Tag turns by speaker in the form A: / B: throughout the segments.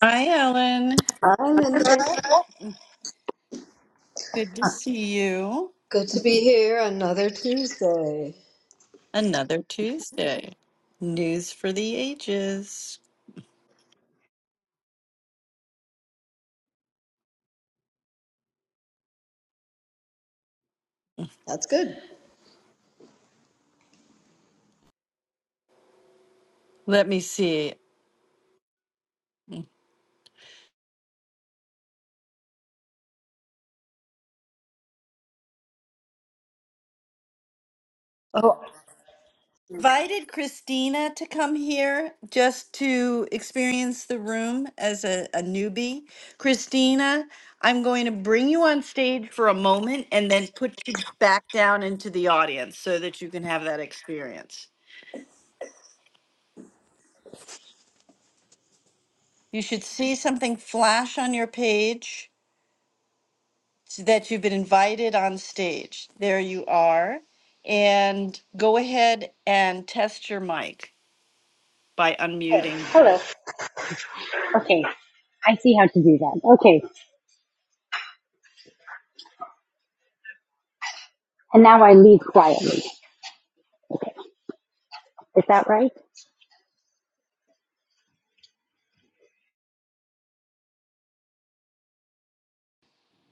A: Hi, Ellen.
B: Hi, Linda.
A: Good to see you.
B: Good to be here another Tuesday.
A: Another Tuesday. News for the ages.
B: That's good.
A: Let me see.
B: Oh,
A: Invited Christina to come here just to experience the room as a, a newbie. Christina, I'm going to bring you on stage for a moment and then put you back down into the audience so that you can have that experience. You should see something flash on your page so that you've been invited on stage. There you are. And go ahead and test your mic by
C: Okay.
A: unmuting.
C: Hello. Okay. I see how to do that. Okay. And now I leave quietly. Okay. Is that right?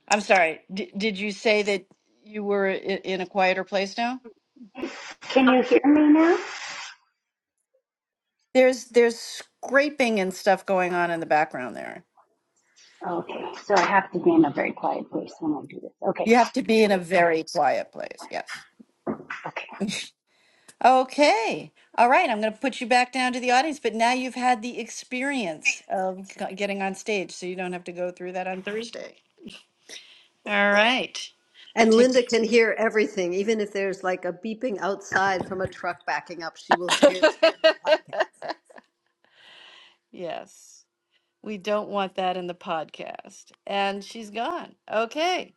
A: I'm sorry. D- did you say that you were i- in a quieter place now?
C: Can you hear me now?
A: There's there's scraping and stuff going on in the background there.
C: Okay. So I have to be in a very quiet place when I do this. Okay.
A: You have to be in a very quiet place. Yes.
C: okay.
A: Okay. All right. I'm going to put you back down to the audience, but now you've had the experience of g- getting on stage, so you don't have to go through that on Thursday. All right.
B: and
A: Take.
B: Linda can hear everything, even if there's like a beeping outside from a truck backing up, she will hear it on the podcast.
A: yes. We don't want that in the podcast. And she's gone. Okay.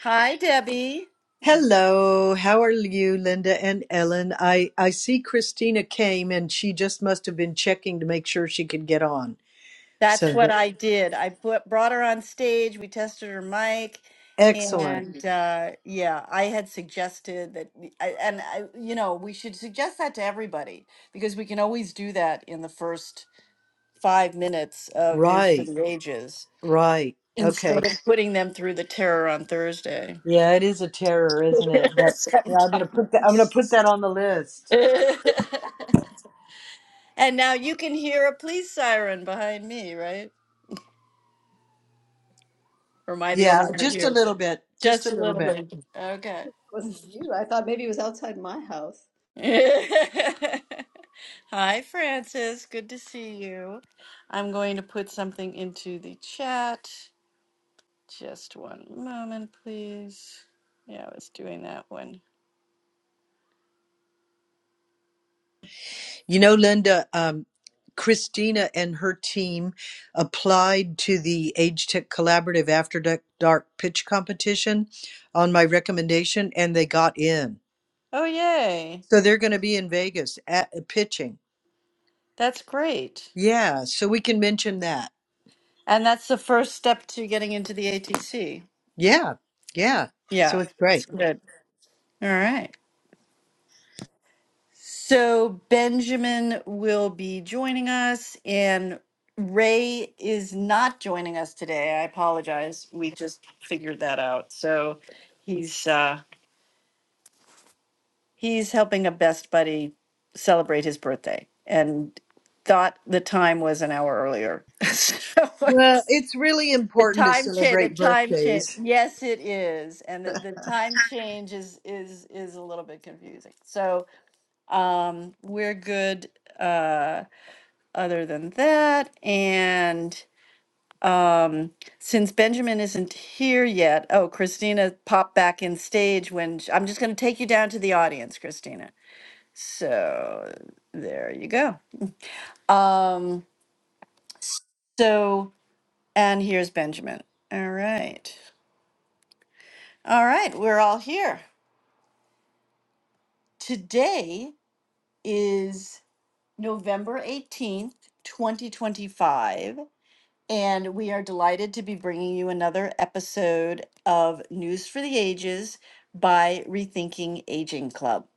A: Hi, Debbie.
D: Hello, how are you, Linda and Ellen? I, I see Christina came and she just must have been checking to make sure she could get on.
A: That's
D: So
A: what
D: that,
A: I did. I put, brought her on stage. We tested her mic.
D: excellent.
A: And uh, yeah, I had suggested that, I, and I, you know, we should suggest that to everybody because we can always do that in the first five minutes of News for
D: Right,
A: the Ages
D: right. Okay.
A: instead of putting them through the terror on Thursday.
D: Yeah, it is a terror, isn't it? But yeah, I'm gonna put that I'm gonna put that on the list.
A: And now you can hear a police siren behind me, right? Or am I the
D: Yeah,
A: only one?
D: just a little bit. Just
A: Just
D: a little bit.
A: okay.
B: It was you. I thought maybe it was outside my house.
A: Hi, Francis. Good to see you. I'm going to put something into the chat. Just one moment, please. Yeah, I was doing that one.
D: You know, Linda, um, Christina and her team applied to the Age Tech Collaborative After Dark Dark Pitch Competition on my recommendation, and they got in.
A: Oh, yay.
D: So they're going to be in Vegas at, uh, pitching.
A: That's great.
D: Yeah, so we can mention that.
A: And that's the first step to getting into the ATC.
D: Yeah, yeah. So
A: Yeah,
D: it's
A: that's
D: great.
A: good. All right. So Benjamin will be joining us, and Ray is not joining us today. I apologize. We just figured that out. So he's uh, he's helping a best buddy celebrate his birthday, and thought the time was an hour earlier. so
D: Well, it's really
A: the
D: important to
A: time change, the
D: celebrate
A: time change.
D: birthdays.
A: Yes, it is, and the, the time change is is is a little bit confusing. So um, we're good. Uh, other than that. And um, since Benjamin isn't here yet, oh, Christina popped back in stage when sh- I'm just going to take you down to the audience, Christina. So there you go. Um, so, and here's Benjamin. All right. All right. We're all here. Today is November 18th, 2025. And we are delighted to be bringing you another episode of News for the Ages by Rethinking Aging Club.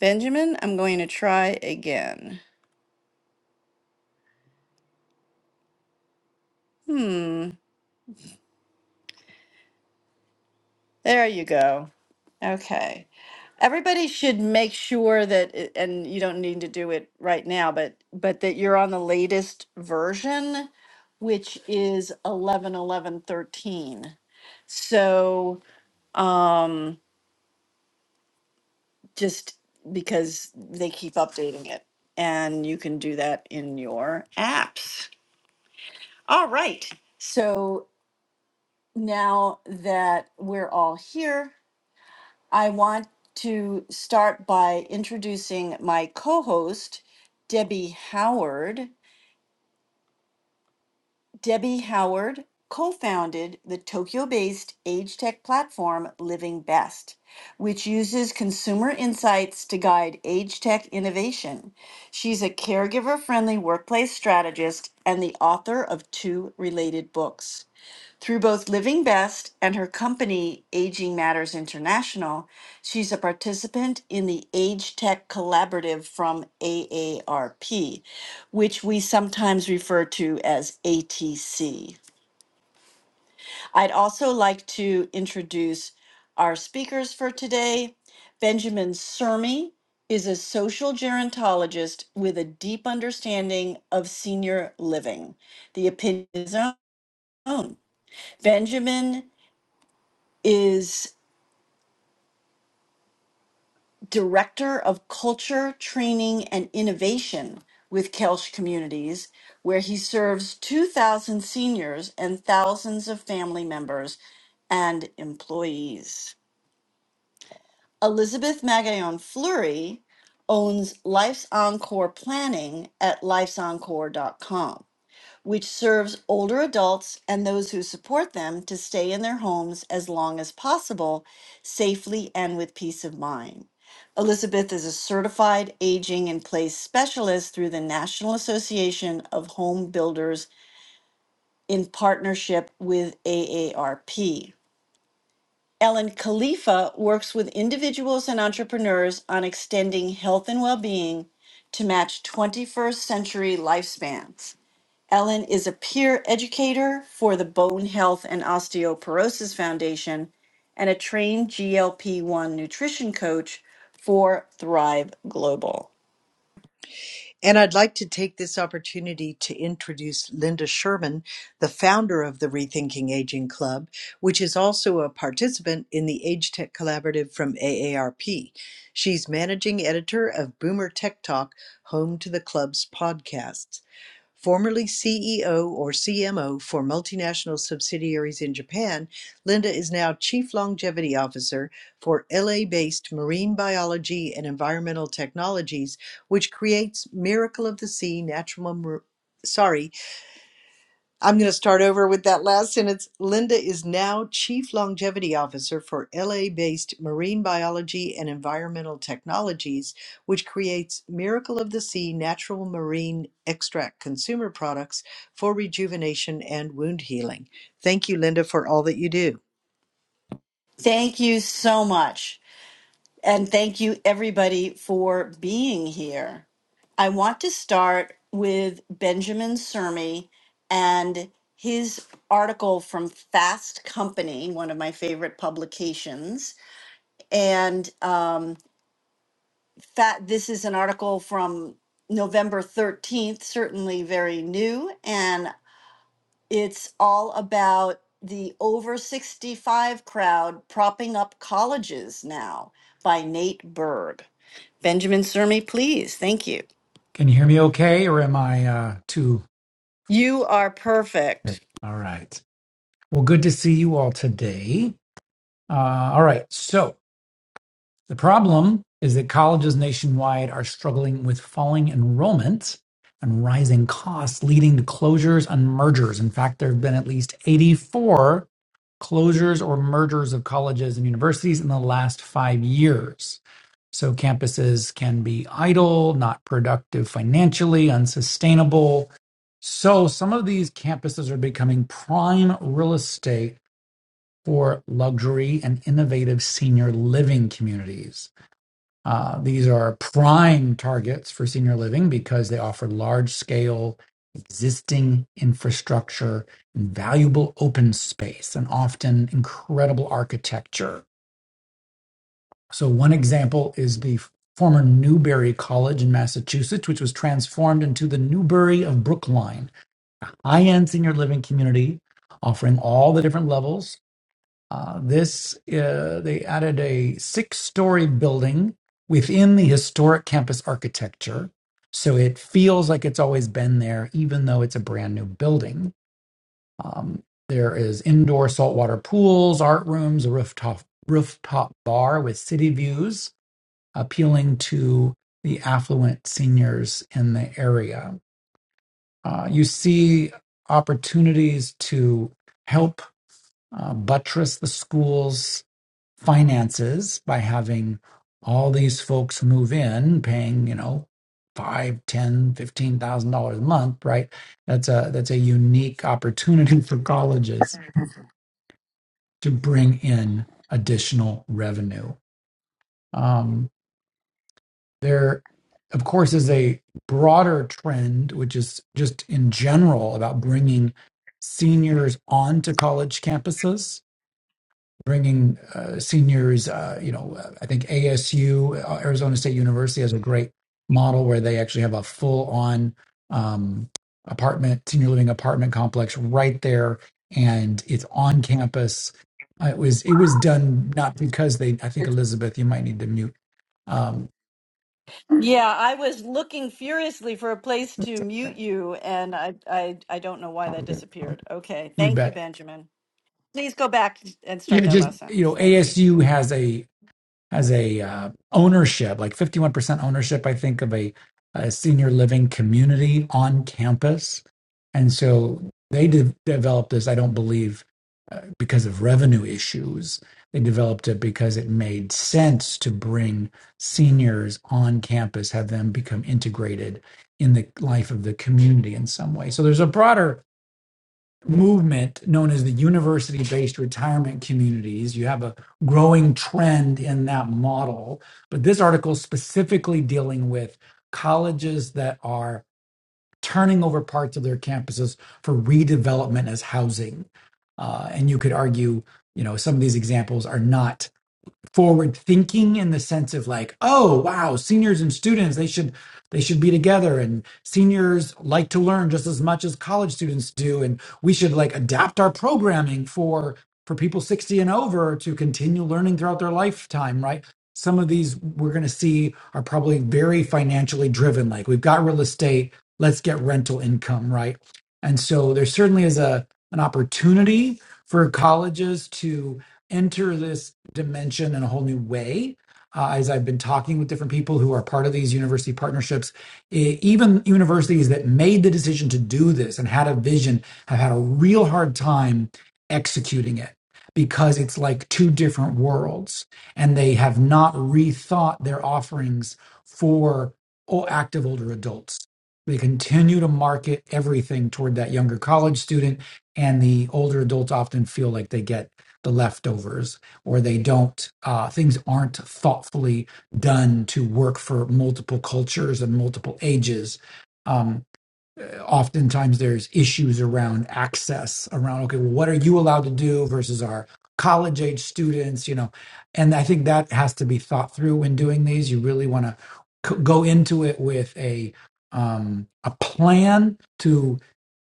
A: Benjamin, I'm going to try again. Hmm, there you go. Okay. Everybody should make sure that, it- and you don't need to do it right now, but but that you're on the latest version, which is eleven eleven thirteen. 11, 13. So, um, just because they keep updating it. And you can do that in your apps. All right. So now that we're all here, I want to start by introducing my co host, Debbie Howard. Debbie Howard co founded the Tokyo based age tech platform Living Best, which uses consumer insights to guide age tech innovation. She's a caregiver friendly workplace strategist and the author of two related books. Through both Living Best and her company, Aging Matters International, she's a participant in the Age Tech Collaborative from AARP, which we sometimes refer to as ATC. I'd also like to introduce our speakers for today. Benjamin Sermi is a social gerontologist with a deep understanding of senior living. The opinion is own. Benjamin is director of culture, training, and innovation with Kelsch Communities, where he serves 2,000 seniors and thousands of family members and employees. Elizabeth Magayon Fleury owns Life's Encore Planning at lifesencore.com which serves older adults and those who support them to stay in their homes as long as possible, safely and with peace of mind. Elizabeth is a certified aging in place specialist through the National Association of Home Builders in partnership with AARP. Ellen Khalifa works with individuals and entrepreneurs on extending health and well being to match 21st century lifespans. Ellen is a peer educator for the Bone Health and Osteoporosis Foundation and a trained GLP 1 nutrition coach for Thrive Global.
D: And I'd like to take this opportunity to introduce Linda Sherman, the founder of the Rethinking Aging Club, which is also a participant in the Age Tech Collaborative from AARP. She's managing editor of Boomer Tech Talk, home to the club's podcasts. Formerly CEO or CMO for multinational subsidiaries in Japan, Linda is now Chief Longevity Officer for LA-based Marine Biology and Environmental Technologies, which creates Miracle of the Sea natural sorry, I'm going to start over with that last sentence. Linda is now Chief Longevity Officer for LA based Marine Biology and Environmental Technologies, which creates Miracle of the Sea natural marine extract consumer products for rejuvenation and wound healing. Thank you, Linda, for all that you do.
A: Thank you so much. And thank you, everybody, for being here. I want to start with Benjamin Sermi and his article from Fast Company, one of my favorite publications. And um. that this is an article from November 13th, certainly very new, and it's all about the over 65 crowd propping up colleges now by Nate Berg. Benjamin Sermi, please. Thank you.
E: Can you hear me okay, or am I uh, too?
A: You are perfect.
E: All right. Well, good to see you all today. Uh, all right. So, The problem is that colleges nationwide are struggling with falling enrollment and rising costs, leading to closures and mergers. In fact, there have been at least 84 closures or mergers of colleges and universities in the last five years. So campuses can be idle, not productive financially, unsustainable. So some of these campuses are becoming prime real estate for luxury and innovative senior living communities. Uh, these are prime targets for senior living because they offer large scale, existing infrastructure, and valuable open space, and often incredible architecture. So, one example is the former Newbury College in Massachusetts, which was transformed into the Newbury of Brookline, high end senior living community, offering all the different levels uh, this uh, they added a six-story building within the historic campus architecture, so it feels like it's always been there, even though it's a brand new building. Um, there is indoor saltwater pools, art rooms, a rooftop rooftop bar with city views, appealing to the affluent seniors in the area. Uh, you see opportunities to help uh, buttress the school's finances by having all these folks move in paying you know five ten fifteen thousand dollars a month right that's a that's a unique opportunity for colleges to bring in additional revenue um, there of course is a broader trend which is just in general about bringing seniors onto college campuses bringing uh, seniors. Uh, you know, I think ASU, Arizona State University, has a great model where they actually have a full-on um, apartment, senior living apartment complex right there, and it's on campus. Uh, It was it was done not because they. I think Elizabeth, you might need to mute. Um,
A: Yeah, I was looking furiously for a place to mute you, and I, I, I don't know why that disappeared. Okay,
E: you
A: thank you,
E: bet.
A: Benjamin. Please go back and start
E: Yeah,
A: that
E: just
A: last
E: you know,
A: sentence. Thank you.
E: ASU has a has a uh, ownership, like 51% ownership, I think, of a, a senior living community on campus. And so they de- developed this, I don't believe, uh, because of revenue issues. They developed it because it made sense to bring seniors on campus, have them become integrated in the life of the community in some way. So there's a broader movement known as the university based retirement communities. You have a growing trend in that model. But this article is specifically dealing with colleges that are turning over parts of their campuses for redevelopment as housing. Uh, and you could argue, you know, some of these examples are not forward thinking in the sense of like oh wow seniors and students they should they should be together and seniors like to learn just as much as college students do and we should like adapt our programming for for people 60 and over to continue learning throughout their lifetime right some of these we're going to see are probably very financially driven like we've got real estate let's get rental income right and so there certainly is a an opportunity for colleges to enter this dimension in a whole new way. Uh, as I've been talking with different people who are part of these university partnerships, e- even universities that made the decision to do this and had a vision have had a real hard time executing it because it's like two different worlds and they have not rethought their offerings for o- active older adults. They continue to market everything toward that younger college student, and the older adults often feel like they get the leftovers or they don't uh, things aren't thoughtfully done to work for multiple cultures and multiple ages um, uh, oftentimes there's issues around access around okay well what are you allowed to do versus our college age students you know and i think that has to be thought through when doing these you really want to c- go into it with a um, a plan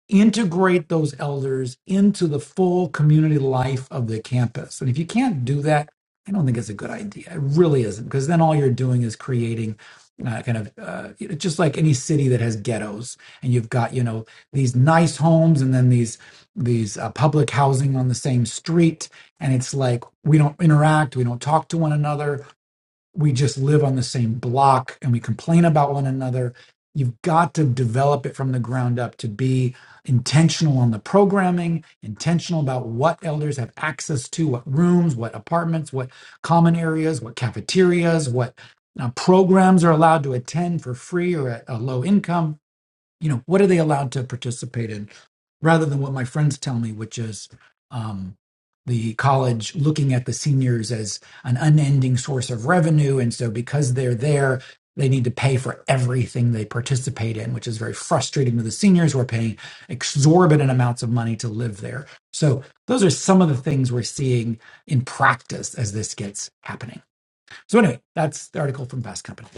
E: integrate those elders into the full community life of the campus. And if you can't do that, I don't think it's a good idea. It really isn't, because then all you're doing is creating uh, kind of uh, you know, just like any city that has ghettos, and you've got you know these nice homes and then these these uh, public housing on the same street, and it's like we don't interact, we don't talk to one another we just live on the same block and we complain about one another. You've got to develop it from the ground up to be intentional on the programming, intentional about what elders have access to, what rooms, what apartments, what common areas, what cafeterias, what uh, programs are allowed to attend for free or at a low income. You know, what are they allowed to participate in? rather than what my friends tell me, which is um, the college looking at the seniors as an unending source of revenue. And so because they're there, they need to pay for everything they participate in, which is very frustrating to the seniors who are paying exorbitant amounts of money to live there. So those are some of the things we're seeing in practice as this gets happening. So anyway, that's the article from Fast Company.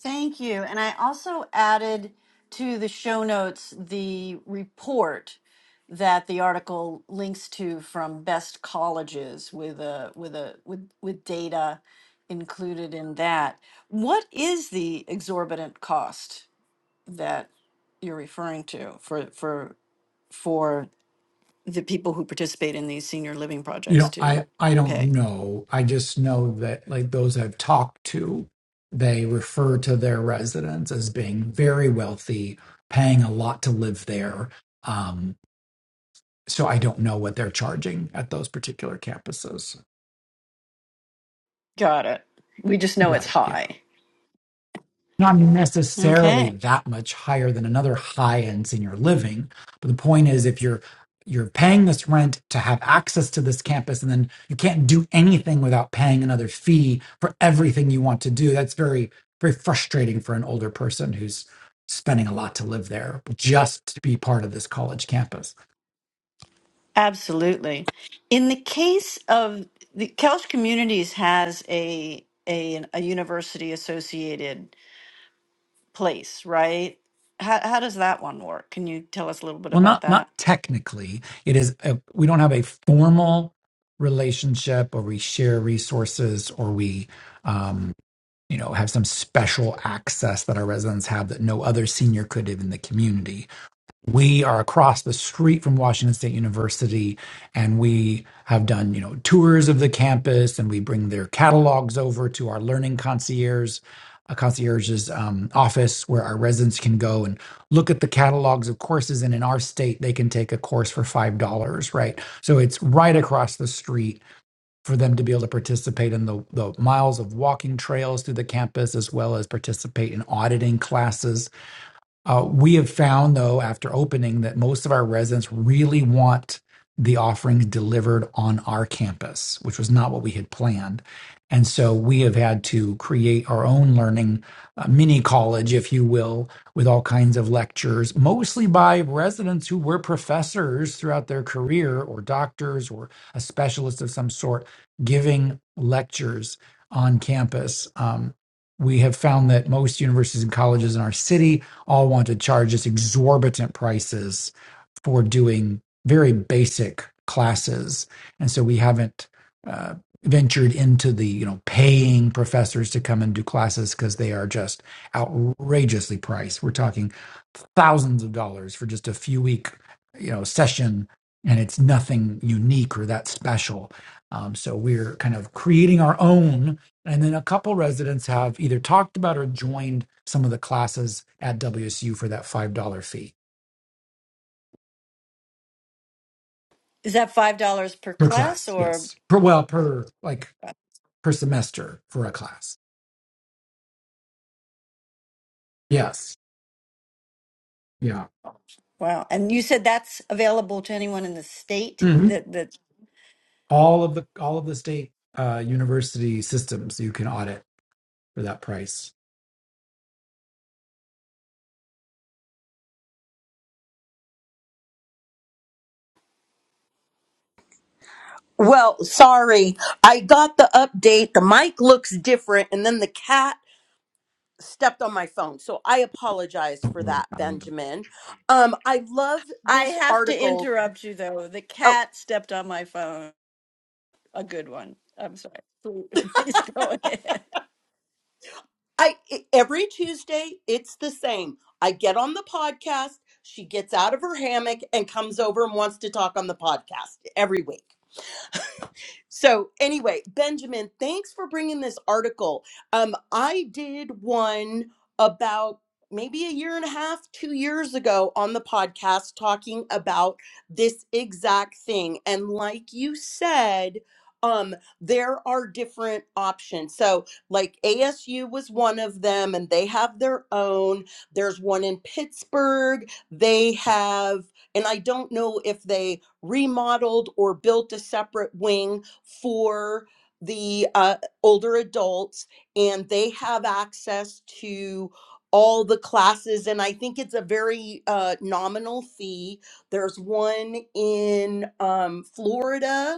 A: Thank you. And I also added to the show notes the report that the article links to from best colleges with a with a with with data included in that. What is the exorbitant cost that you're referring to for for for the people who participate in these senior living
E: you
A: projects
E: know
A: to
E: i i don't
A: pay?
E: know i just know that like those i've talked to they refer to their residents as being very wealthy paying a lot to live there um so i don't know what they're charging at those particular campuses
A: Got it. We just know it's
E: right yeah
A: high.
E: not necessarily
A: Okay.
E: that much higher than another high end senior living. But the point is, if you're you're paying this rent to have access to this campus, and then you can't do anything without paying another fee for everything you want to do. That's very very frustrating for an older person who's spending a lot to live there just to be part of this college campus.
A: Absolutely. In the case of the Kelch Communities has a a, a university associated place, right? How, how does that one work? Can you tell us a little bit
E: Well, not
A: about
E: not
A: that?
E: technically. It is a, we don't have a formal relationship, or we share resources, or we. um, you know, have some special access that our residents have that no other senior could have in the community. We are across the street from Washington State University, and we have done, you know, tours of the campus, and we bring their catalogs over to our learning concierge, uh, concierge's um, office, where our residents can go and look at the catalogs of courses. And in our state, they can take a course for five dollars, right? So it's right across the street for them to be able to participate in the, the miles of walking trails through the campus as well as participate in auditing classes uh, we have found, though, after opening, that most of our residents really want the offerings delivered on our campus, which was not what we had planned. And so we have had to create our own learning uh, mini college, if you will, with all kinds of lectures, mostly by residents who were professors throughout their career or doctors or a specialist of some sort giving lectures on campus. Um, we have found that most universities and colleges in our city all want to charge us exorbitant prices for doing very basic classes, and so we haven't uh, ventured into the you know paying professors to come and do classes because they are just outrageously priced. We're talking thousands of dollars for just a few week you know session and it's nothing unique or that special um, so we're kind of creating our own and then a couple residents have either talked about or joined some of the classes at wsu for that five dollar fee
A: Is that five dollars per
E: per
A: class,
E: class
A: or
E: yes per well per like per semester for a class yes yeah
A: wow? And you said that's available to anyone in the state.
E: Mhm.
A: That that
E: all of the all of the state uh, university systems you can audit for that price
F: Well, sorry. I got the update. The mic looks different, and then the cat stepped on my phone. So I apologize for that,
E: it's
F: Benjamin. Um, I love
A: I
F: this
A: have to
F: article.
A: interrupt you though. The
F: Oh,
A: cat stepped on my phone. A good one. I'm sorry. Please go ahead.
F: I I- every Tuesday it's the same. I get on the podcast. She gets out of her hammock and comes over and wants to talk on the podcast every week. So anyway, Benjamin, thanks for bringing this article. Um, I did one about maybe a year and a half, two years ago on the podcast talking about this exact thing. And like you said, um, there are different options. So like ASU was one of them and they have their own. There's one in Pittsburgh. They have, and I don't know if they remodeled or built a separate wing for the uh, older adults, and they have access to all the classes. And I think it's a very uh, nominal fee. There's one in um, Florida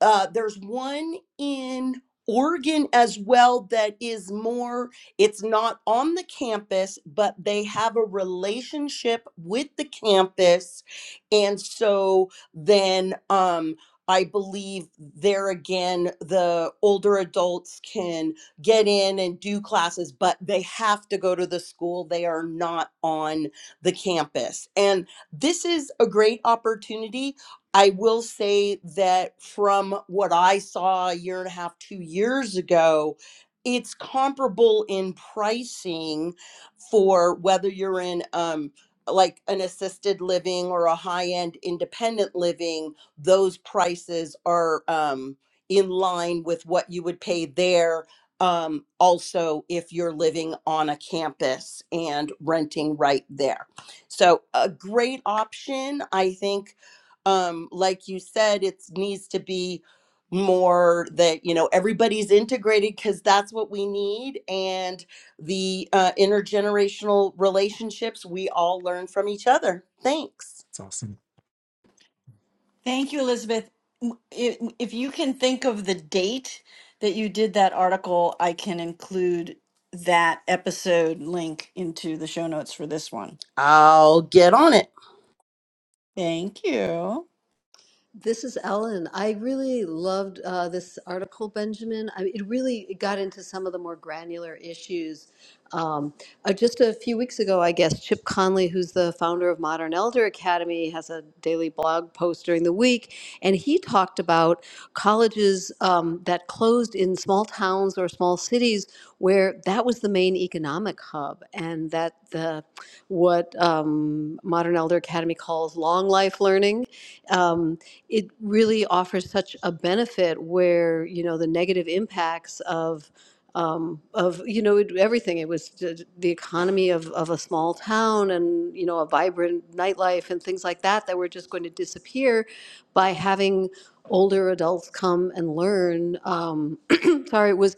F: uh, there's one in Oregon as well that is more, it's not on the campus, but they have a relationship with the campus. And so then um, I believe there again, the older adults can get in and do classes, but they have to go to the school. They are not on the campus. And this is a great opportunity I will say that from what I saw a year and a half, two years ago, it's comparable in pricing for whether you're in um, like an assisted living or a high end independent living, those prices are um, in line with what you would pay there. Um, also, if you're living on a campus and renting right there. So, a great option, I think, um like you said it needs to be more that you know everybody's integrated because that's what we need and the uh, intergenerational relationships we all learn from each other thanks
E: awesome
A: Thank you, Elizabeth. M- i- If you can think of the date that you did that article, I can include that episode link into the show notes for this one.
F: i'll get on it
A: Thank you.
B: This is Ellen. I really loved uh, this article, Benjamin. I it really got into some of the more granular issues. Um, uh, just a few weeks ago, I guess, Chip Conley, who's the founder of Modern Elder Academy, has a daily blog post during the week. And he talked about colleges um, that closed in small towns or small cities where that was the main economic hub, and that the what um, Modern Elder Academy calls long life learning. Um, it really offers such a benefit where you know the negative impacts of um, of you know it, everything it was j- the economy of, of a small town and you know a vibrant nightlife and things like that that were just going to disappear by having older adults come and learn um, sorry, was,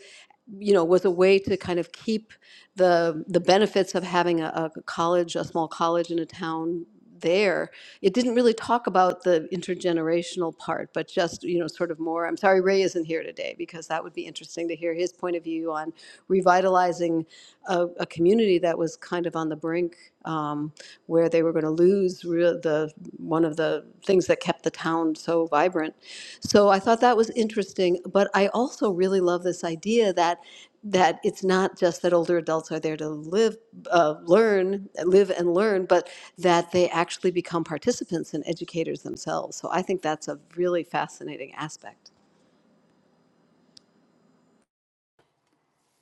B: you know, was a way to kind of keep the, the benefits of having a, a college, a small college in a town there. It didn't really talk about the intergenerational part, but just, you know, sort of more, I'm sorry Ray isn't here today because that would be interesting to hear his point of view on revitalizing a, a community that was kind of on the brink. um, where they were going to lose real, the one of the things that kept the town so vibrant. So I thought that was interesting, but I also really love this idea that that it's not just that older adults are there to live, uh, learn, live and learn, but that they actually become participants and educators themselves. So I think that's a really fascinating aspect.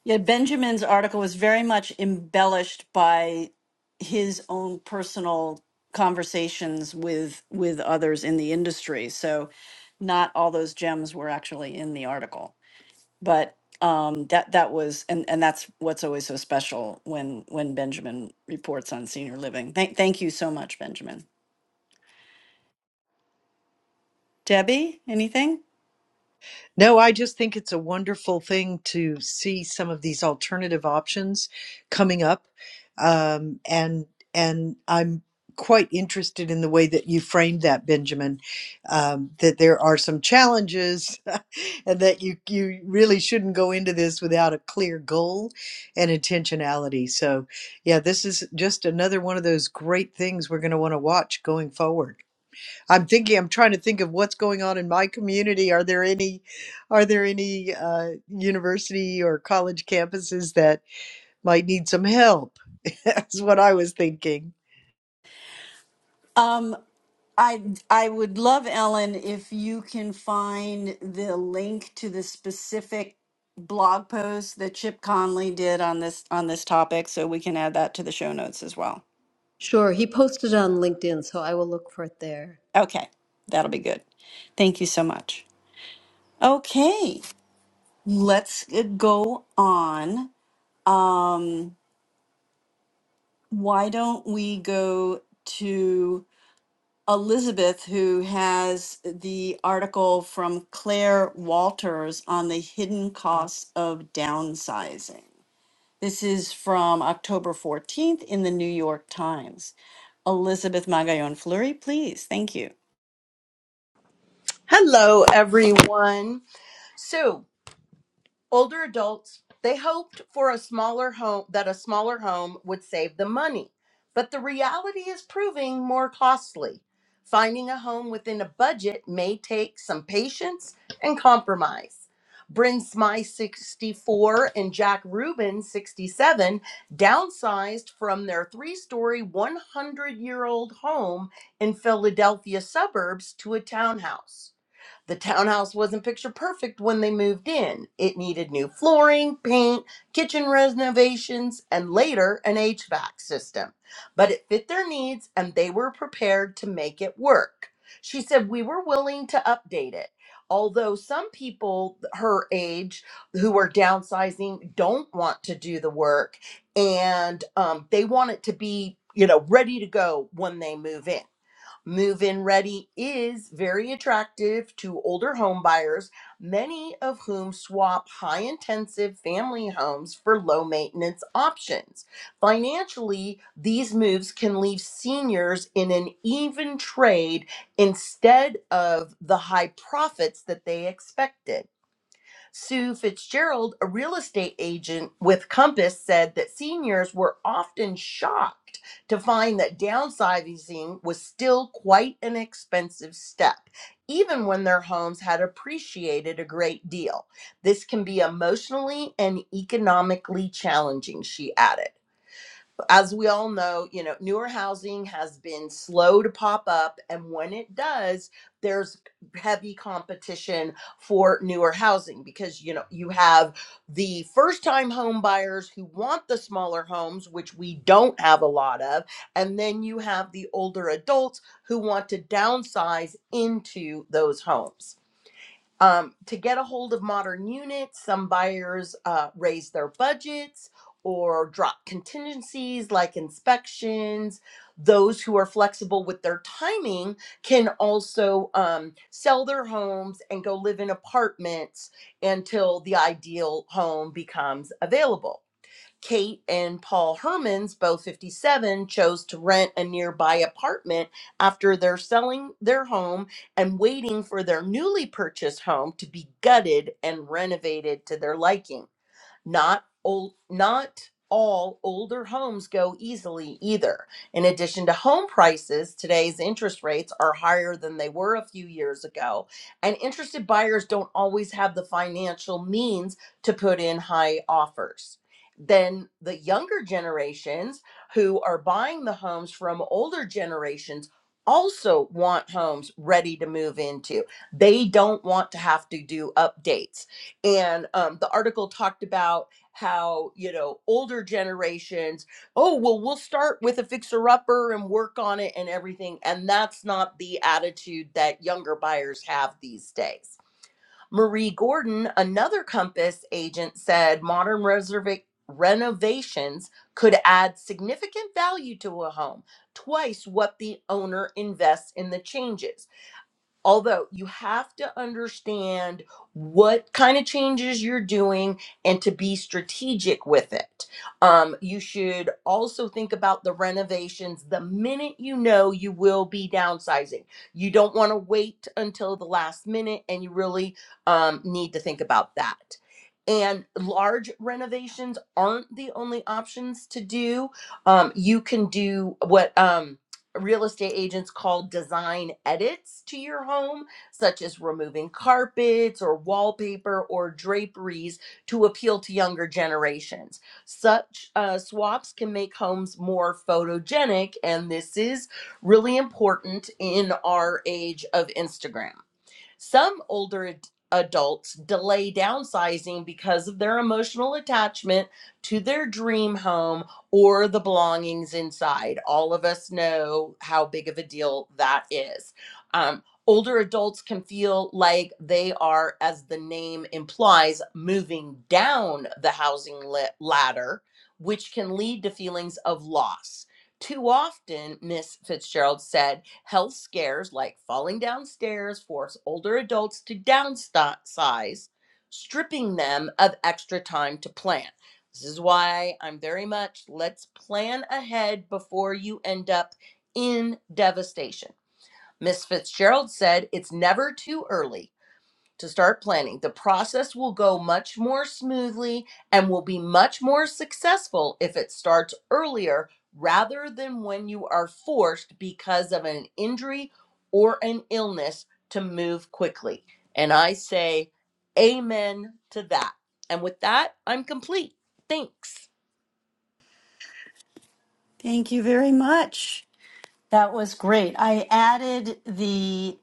A: Yeah, Benjamin's article was very much embellished by his own personal conversations with with others in the industry. So not all those gems were actually in the article. but um that that was and and that's what's always so special when when benjamin reports on senior living thank thank you so much benjamin debbie anything
D: No, I just think it's a wonderful thing to see some of these alternative options coming up. Um, and and I'm quite interested in the way that you framed that, Benjamin, um, that there are some challenges and that you, you really shouldn't go into this without a clear goal and intentionality. So, yeah, this is just another one of those great things we're going to want to watch going forward. I'm thinking, I'm trying to think of what's going on in my community. Are there any, are there any uh, university or college campuses that might need some help? That's what I was thinking.
A: um i i would love ellen if you can find the link to the specific blog post that chip conley did on this on this topic so we can add that to the show notes as well
B: Sure, he posted on LinkedIn, so I will look for it there.
A: okay that'll be good thank you so much okay let's uh, go on Um, why don't we go to Elizabeth, who has the article from Claire Walters on the hidden costs of downsizing? This is from October 14th in the New York Times. Elizabeth Magallon Fleury, please. Thank you.
F: hello everyone So Older adults, they hoped for a smaller home that a smaller home would save them money. But the reality is proving more costly. Finding a home within a budget may take some patience and compromise. Bryn Smy 64 and Jack Rubin 67 downsized from their three-story 100-year-old home in Philadelphia suburbs to a townhouse. The townhouse wasn't picture perfect when they moved in. It needed new flooring, paint, kitchen renovations, and later an HVAC system. But it fit their needs and they were prepared to make it work. She said, We were willing to update it. Although some people her age who are downsizing don't want to do the work and um, they want it to be, you know, ready to go when they move in. Move in ready is very attractive to older home buyers, many of whom swap high intensive family homes for low maintenance options. Financially, these moves can leave seniors in an even trade instead of the high profits that they expected. Sue Fitzgerald, a real estate agent with Compass, said that seniors were often shocked to find that downsizing was still quite an expensive step, even when their homes had appreciated a great deal. This can be emotionally and economically challenging, she added as we all know, you know, newer housing has been slow to pop up. And when it does, there's heavy competition for newer housing because, you know, you have the first time home buyers who want the smaller homes, which we don't have a lot of. And then you have the older adults who want to downsize into those homes. Um, to get a hold of modern units, some buyers uh, raise their budgets or drop contingencies like inspections. Those who are flexible with their timing can also um, sell their homes and go live in apartments until the ideal home becomes available. Kate and Paul Hermans, both 57, chose to rent a nearby apartment after they're selling their home and waiting for their newly purchased home to be gutted and renovated to their liking. Not old, not all older homes go easily either. In addition to home prices, today's interest rates are higher than they were a few years ago, and interested buyers don't always have the financial means to put in high offers. Then the younger generations who are buying the homes from older generations also want homes ready to move into. They don't want to have to do updates and um, the article talked about how you know older generations oh well we'll start with a fixer upper and work on it and everything and that's not the attitude that younger buyers have these days marie gordon another compass agent said modern reserva- renovations could add significant value to a home twice what the owner invests in the changes although you have to understand what kind of changes you're doing and to be strategic with it um, you should also think about the renovations the minute you know you will be downsizing you don't want to wait until the last minute and you really um, need to think about that and large renovations aren't the only options to do um, you can do what um, real estate agents call design edits to your home, such as removing carpets or wallpaper or draperies to appeal to younger generations. Such uh, swaps can make homes more photogenic, and this is really important in our age of Instagram. Some older ad- adults delay downsizing because of their emotional attachment to their dream home or the belongings inside. All of us know how big of a deal that is. Um, older adults can feel like they are, as the name implies, moving down the housing la- ladder, which can lead to feelings of loss. Too often, Miss Fitzgerald said, Health scares like falling downstairs force older adults to downsize, stripping them of extra time to plan. This is why I'm very much let's plan ahead before you end up in devastation. Miss Fitzgerald said it's never too early to start planning. The process will go much more smoothly and will be much more successful if it starts earlier rather than when you are forced because of an injury or an illness to move quickly. And I say amen to that. And with that, I'm complete. Thanks,
A: Thank you very much. That was great. I added the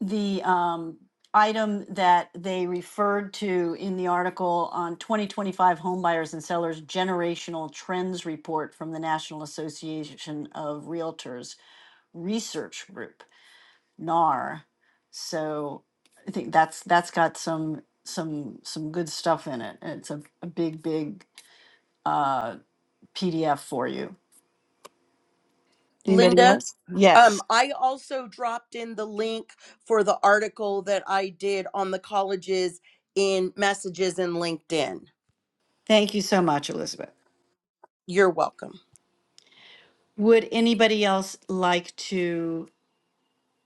A: the um, item that they referred to in the article on 2025 homebuyers and sellers generational trends report from the National Association of Realtors Research Group, NAR. So I think that's that's got some some some good stuff in it. It's a, a big big uh, PDF for you. Anybody
F: Linda.
A: else? Yes.
F: Um, I also dropped in the link for the article that I did on the colleges in messages in LinkedIn.
A: Thank you so much, Elizabeth.
F: You're welcome.
A: Would anybody else like to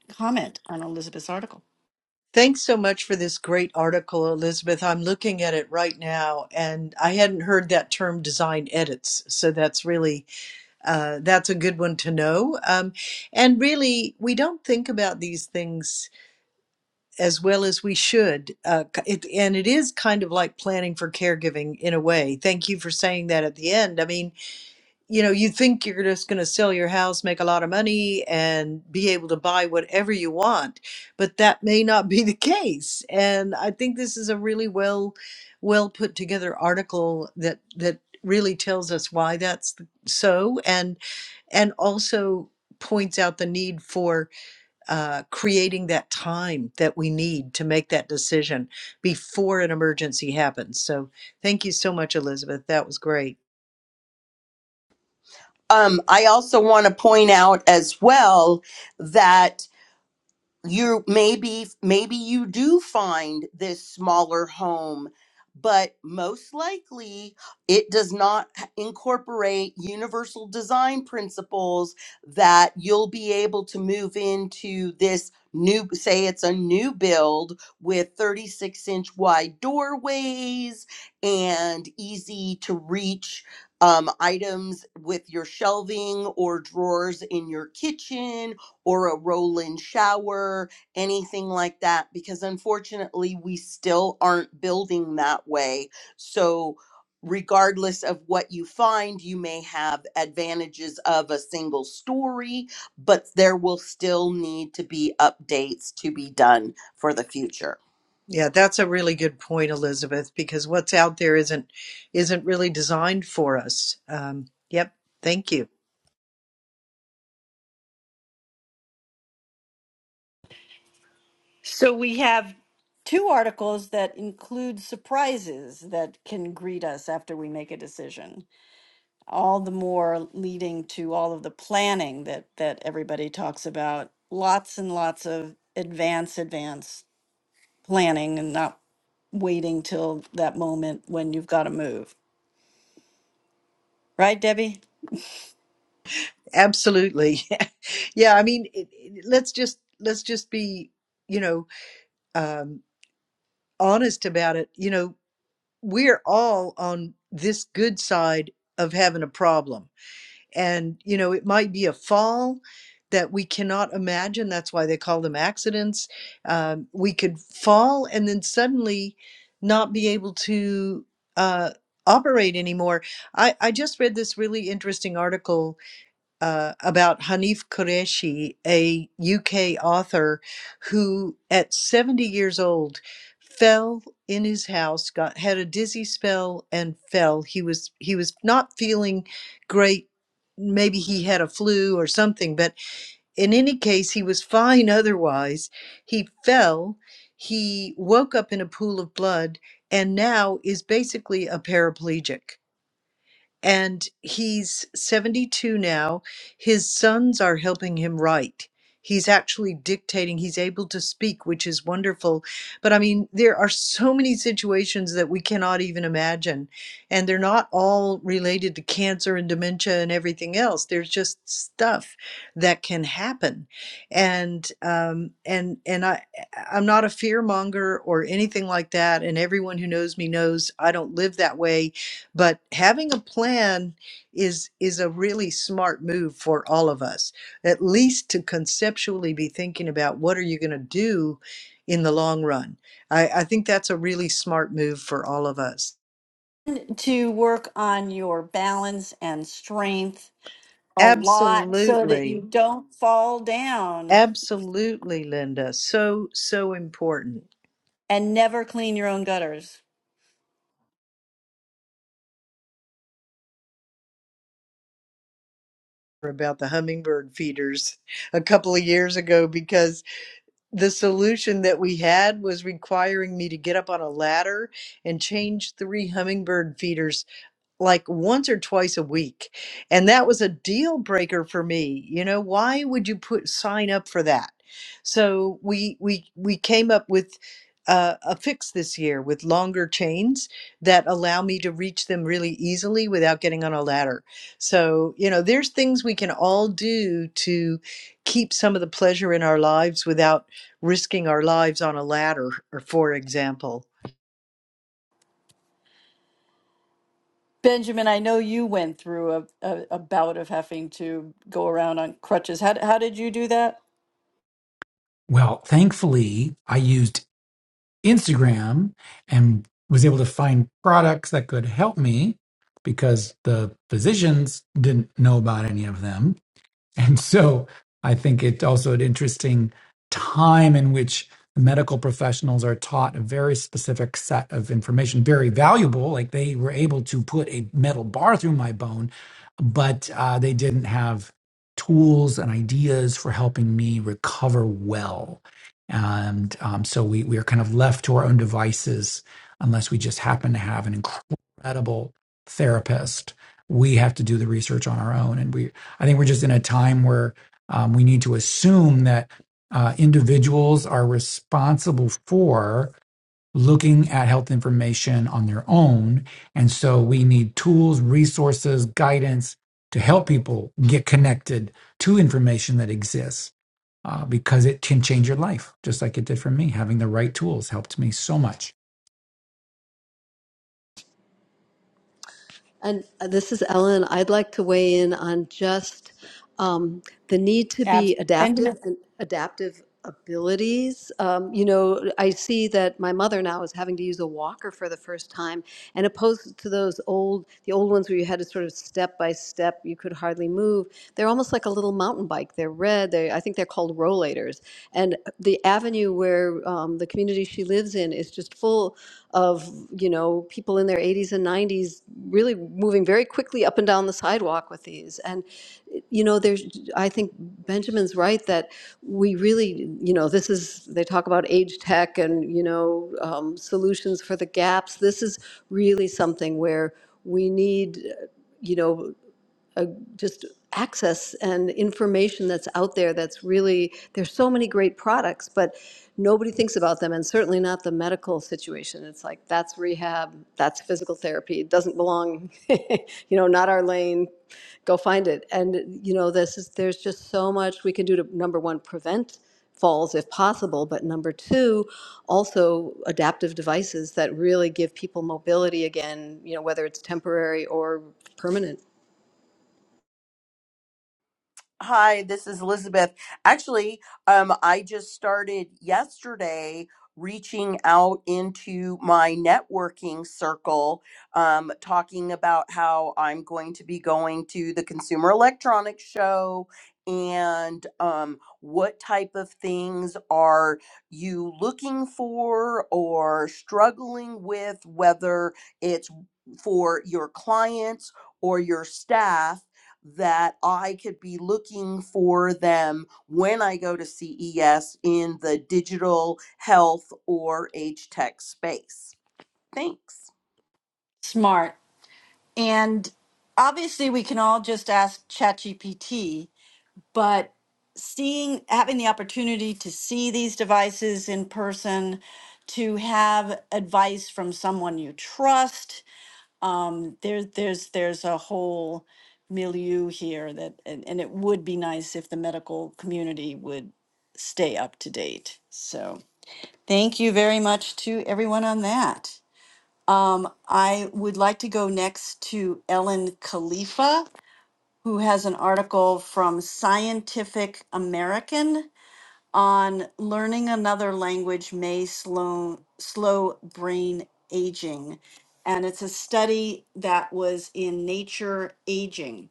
A: comment on Elizabeth's article.
D: Thanks so much for this great article, Elizabeth. I'm looking at it right now, and I hadn't heard that term design edits. So that's really uh, that's a good one to know. Um, and really, we don't think about these things as well as we should. Uh, it, and it is kind of like planning for caregiving in a way. Thank you for saying that at the end. I mean, you know, you think you're just going to sell your house, make a lot of money, and be able to buy whatever you want, but that may not be the case. And I think this is a really well, well put together article that that really tells us why that's so, and and also points out the need for uh, creating that time that we need to make that decision before an emergency happens. So, thank you so much, Elizabeth. That was great.
F: Um, I also want to point out as well that you maybe maybe you do find this smaller home but most likely it does not h- incorporate universal design principles that you'll be able to move into this new say it's a new build with 36 inch wide doorways and easy to reach um, items with your shelving or drawers in your kitchen or a roll in shower, anything like that, because unfortunately we still aren't building that way. So, regardless of what you find, you may have advantages of a single story, but there will still need to be updates to be done for the future.
D: Yeah, that's a really good point, Elizabeth, because what's out there isn't isn't really designed for us. Um, yep, thank you.
A: So we have Two articles that include surprises that can greet us after we make a decision, all the more leading to all of the planning that, that everybody talks about. Lots and lots of advance, advance planning and not waiting till that moment when you've got to move. Right, Debbie?
D: Absolutely. yeah, I mean, it, it- let's just let's just be, you know, um, honest about it. You know, we're all on this good side of having a problem And, you know, it might be a fall that we cannot imagine. That's why they call them accidents. Um, we could fall and then suddenly not be able to uh, operate anymore. I, I just read this really interesting article uh, about Hanif Qureshi, a UK author who, at 70 years old, fell in his house, got had a dizzy spell, and fell. He was he was not feeling great. Maybe he had a flu or something, but in any case, he was fine otherwise. He fell. He woke up in a pool of blood and now is basically a paraplegic and he's 72 now. His sons are helping him write. He's actually dictating, he's able to speak, which is wonderful. But I mean, there are so many situations that we cannot even imagine. And they're not all related to cancer and dementia and everything else. There's just stuff that can happen. And um, and and I I'm not a fear monger or anything like that. And everyone who knows me knows I don't live that way but having a plan is is a really smart move for all of us at least to conceptually be thinking about what are you going to do in the long run I, I think that's a really smart move for all of us
A: To work on your balance and strength a lot so that you
D: absolutely
A: don't fall down
D: absolutely linda so so important
A: and never clean your own gutters.
D: about the hummingbird feeders a couple of years ago because the solution that we had was requiring me to get up on a ladder and change three hummingbird feeders like once or twice a week. And that was a deal breaker for me. You know, why would you put sign up for that? So we we we came up with uh, a fix this year with longer chains that allow me to reach them really easily without getting on a ladder. So, you know, there's things we can all do to keep some of the pleasure in our lives without risking our lives on a ladder, or for example.
A: Benjamin, I know you went through a, a, a bout of having to go around on crutches. How, how did you do that?
E: Well, thankfully, I used Instagram and was able to find products that could help me because the physicians didn't know about any of them. And so I think it's also an interesting time in which medical professionals are taught a very specific set of information, very valuable. Like they were able to put a metal bar through my bone, but uh, they didn't have tools and ideas for helping me recover well. And um, so we, we are kind of left to our own devices unless we just happen to have an incredible therapist. We have to do the research on our own, and we. I think we're just in a time where um, we need to assume that uh, individuals are responsible for looking at health information on their own. And so we need tools, resources, guidance to help people get connected to information that exists uh, because it can change your life, just like it did for me. Having the right tools helped me so much.
B: And uh, this is Ellen. I'd like to weigh in on just um, the need to
A: Abs.
B: be adaptive
A: Benjamin.
B: and adaptive abilities. Um, you know, I see that my mother now is having to use a walker for the first time, and opposed to those old, the old ones where you had to sort of step by step, you could hardly move. They're almost like a little mountain bike. They're red. They, I think they're called rollators. And the avenue where um, the community she lives in is just full of you know people in their 80s and 90s really moving very quickly up and down the sidewalk with these and you know there's i think benjamin's right that we really you know this is they talk about age tech and you know um, solutions for the gaps this is really something where we need you know a- just access and information that's out there that's really, there's so many great products, but nobody thinks about them, and certainly not the medical situation. It's like, that's rehab, that's physical therapy, it doesn't belong, you know, not our lane, go find it. And, you know, this is, there's just so much we can do to, number one, prevent falls if possible, but number two, also adaptive devices that really give people mobility again, you know, whether it's temporary or permanent.
F: Hi, this is Elizabeth. Actually, um, I just started yesterday reaching out into my networking circle, um, talking about how I'm going to be going to the Consumer Electronics Show and um, what type of things are you looking for or struggling with, whether it's for your clients or your staff that I could be looking for them when I go to CES in the digital health or age tech space. Thanks.
A: Smart. And obviously, we can all just ask ChatGPT, but seeing, having the opportunity to see these devices in person, to have advice from someone you trust, um, there, there's there's a whole milieu here that, and, and it would be nice if the medical community would stay up to date. So thank you very much to everyone on that. Um, I would like to go next to Ellen Khalifa, who has an article from Scientific American on learning another language may slow slow brain aging and it's a study that was in nature aging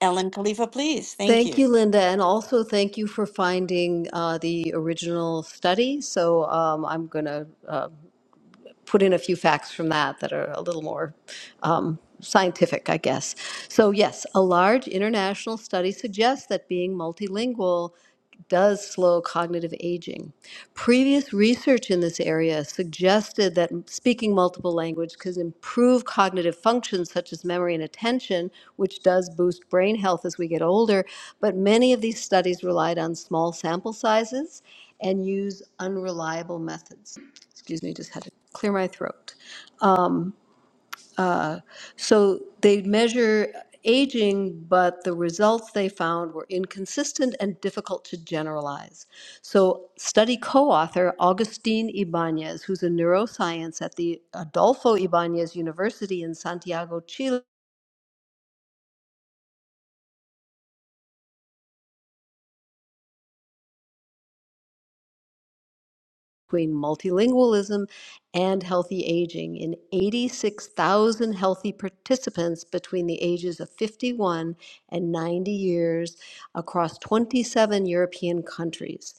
A: ellen khalifa please thank
B: Thank
A: you
B: you, Linda, and also thank you for finding uh, the original study. So um, I'm going to uh, put in a few facts from that that are a little more um, scientific, I guess. So, yes, a large international study suggests that being multilingual does slow cognitive aging. Previous research in this area suggested that speaking multiple languages could improve cognitive functions such as memory and attention, which does boost brain health as we get older. But many of these studies relied on small sample sizes and use unreliable methods. Excuse me, just had to clear my throat. So they measure aging, but the results they found were inconsistent and difficult to generalize. So, study co author Augustine Ibanez, who's a neuroscience at the Adolfo Ibanez University in Santiago, Chile between multilingualism and healthy aging in 86,000 healthy participants between the ages of 51 and 90 years across 27 European countries.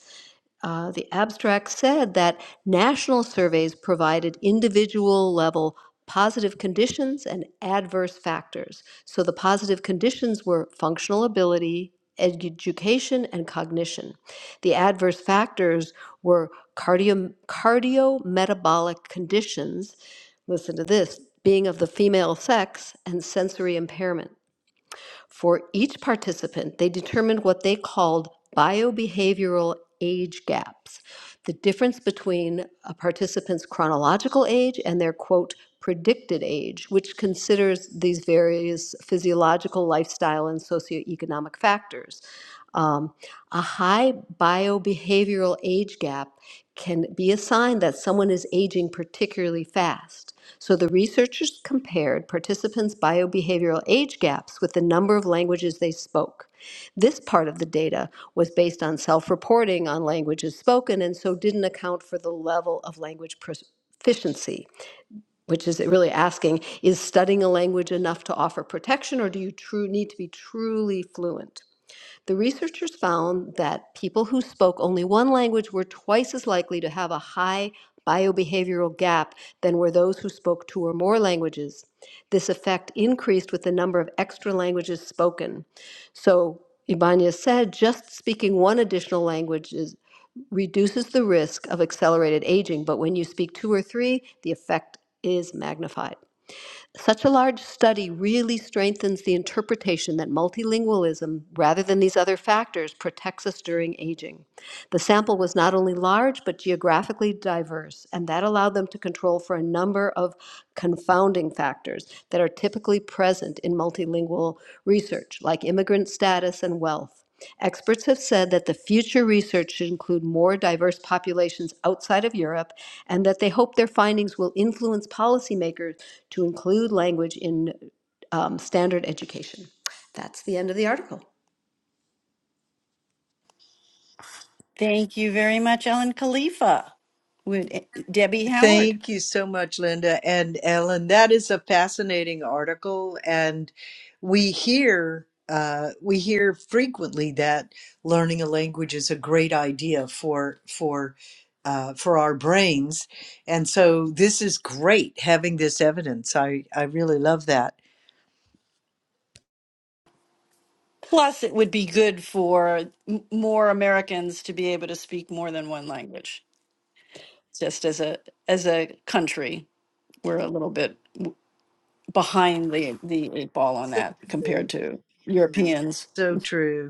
B: Uh, the abstract said that national surveys provided individual level positive conditions and adverse factors. So the positive conditions were functional ability, education, and cognition. The adverse factors were cardio cardiometabolic conditions. Listen to this: being of the female sex and sensory impairment. For each participant, they determined what they called biobehavioral age gaps, the difference between a participant's chronological age and their quote predicted age, which considers these various physiological, lifestyle, and socioeconomic factors. Um, a high biobehavioral age gap can be a sign that someone is aging particularly fast. So the researchers compared participants' biobehavioral age gaps with the number of languages they spoke. This part of the data was based on self reporting on languages spoken and so didn't account for the level of language proficiency. Which is really asking is studying a language enough to offer protection, or do you true, need to be truly fluent? The researchers found that people who spoke only one language were twice as likely to have a high biobehavioral gap than were those who spoke two or more languages. This effect increased with the number of extra languages spoken. So Ibanez said just speaking one additional language is, reduces the risk of accelerated aging, but when you speak two or three, the effect is magnified. Such a large study really strengthens the interpretation that multilingualism, rather than these other factors, protects us during aging. The sample was not only large, but geographically diverse, and that allowed them to control for a number of confounding factors that are typically present in multilingual research, like immigrant status and wealth. Experts have said that the future research should include more diverse populations outside of Europe and that they hope their findings will influence policymakers to include language in um, standard education. That's the end of the article.
A: thank you very much ellen khalifa would debbie howard
D: Thank you so much, Linda and Ellen. That is a fascinating article, and we hear uh, we hear frequently that learning a language is a great idea for for uh, for our brains, and so this is great having this evidence. I I really love that.
A: plus it would be good for m- more americans to be able to speak more than one language just as a as a country we're a little bit behind the the eight ball on
D: So
A: that compared
D: true.
A: to europeans
D: So true.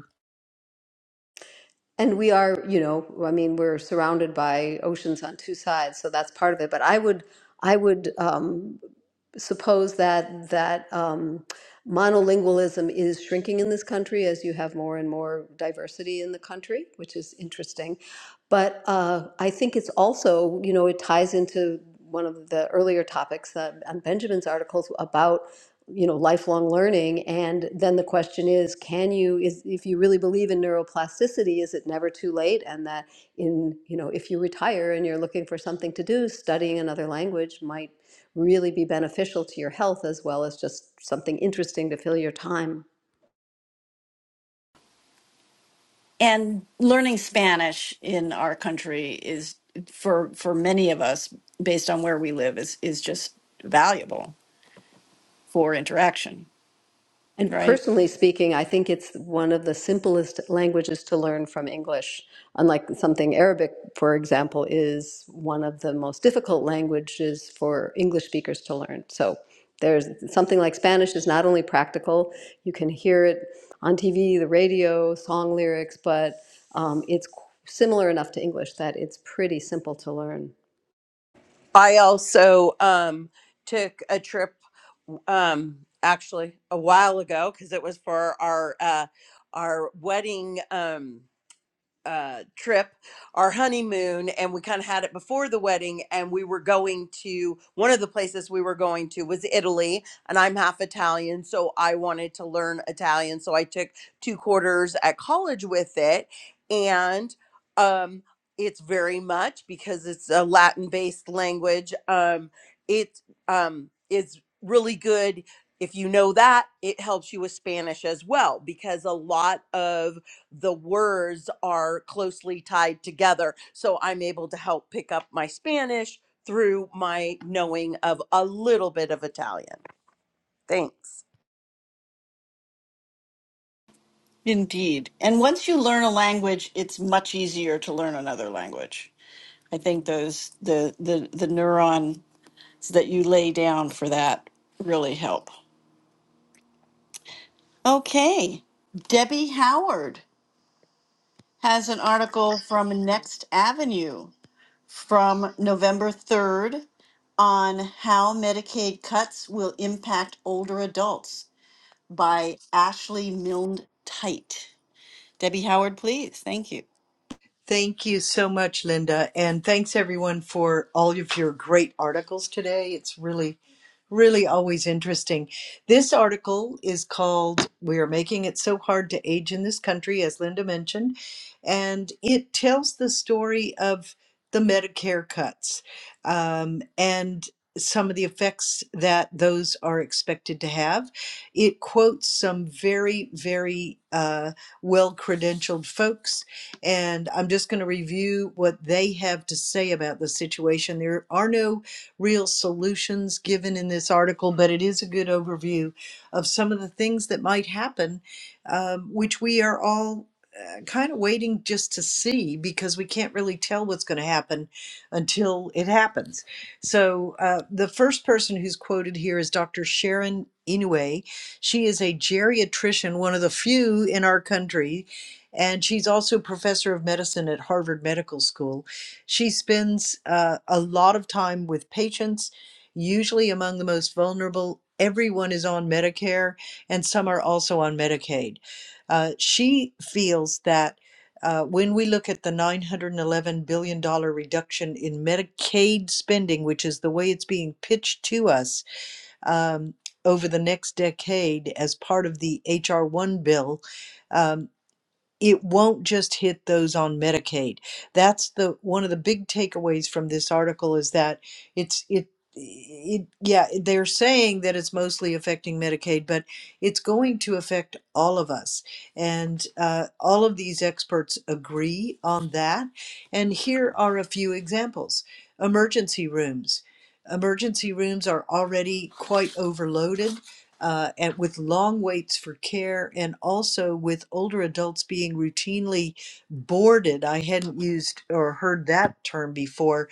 B: And we are, you know, I mean, we're surrounded by oceans on two sides, so that's part of it. But I would, I would um, suppose that that um, monolingualism is shrinking in this country as you have more and more diversity in the country, which is interesting. But uh, I think it's also, you know, it ties into one of the earlier topics uh, on Benjamin's articles about, you know, lifelong learning. And then the question is, can you, is if you really believe in neuroplasticity, is it never too late? And that in, you know, if you retire and you're looking for something to do, studying another language might really be beneficial to your health as well as just something interesting to fill your time.
A: and learning spanish in our country is for for many of us based on where we live is is just valuable for interaction
B: And
A: right
B: personally speaking, I think it's one of the simplest languages to learn from English. Unlike something Arabic, for example, is one of the most difficult languages for English speakers to learn. So there's something like Spanish is not only practical, you can hear it on TV, the radio, song lyrics, but um, it's qu- similar enough to English that it's pretty simple to learn.
F: I also um, took a trip um, actually a while ago because it was for our uh, our wedding. Um, uh, trip, our honeymoon, and we kind of had it before the wedding. And we were going to one of the places we were going to was Italy, and I'm half Italian, so I wanted to learn Italian. So I took two quarters at college with it, and um, it's very much because it's a Latin-based language. Um, it um, is really good. If you know that, it helps you with Spanish as well because a lot of the words are closely tied together. So I'm able to help pick up my Spanish through my knowing of a little bit of Italian. Thanks.
A: indeed and once you learn a language it's much easier to learn another language i think those the the the neurons that you lay down for that really help okay debbie howard has an article from next avenue from November 3rd on how Medicaid cuts will impact older adults by Ashley Milne Tite. Debbie Howard, please. Thank you.
D: Thank you so much, Linda. And thanks everyone for all of your great articles today. It's really, really always interesting. This article is called We Are Making It So Hard to Age in This Country, as Linda mentioned. And it tells the story of the Medicare cuts um, and some of the effects that those are expected to have. It quotes some very, very uh, well credentialed folks and I'm just going to review what they have to say about the situation. There are no real solutions given in this article, but it is a good overview of some of the things that might happen, um, which we are all uh, kind of waiting just to see because we can't really tell what's going to happen until it happens. So, uh, the first person who's quoted here is Dr. Sharon Inouye. She is a geriatrician, one of the few in our country and she's also professor of medicine at Harvard Medical School. She spends uh, a lot of time with patients, usually among the most vulnerable. Everyone is on Medicare, and some are also on Medicaid. Uh, she feels that. Uh, when we look at the $911 billion dollars reduction in Medicaid spending, which is the way it's being pitched to us um, over the next decade as part of the HR1 bill, um, it won't just hit those on Medicaid. That's the one of the big takeaways from this article is that it's it it yeah they're saying that it's mostly affecting Medicaid, but it's going to affect all of us, and uh, all of these experts agree on that. And here are a few examples: emergency rooms. Emergency rooms are already quite overloaded uh, and with long waits for care and also with older adults being routinely boarded. I hadn't used or heard that term before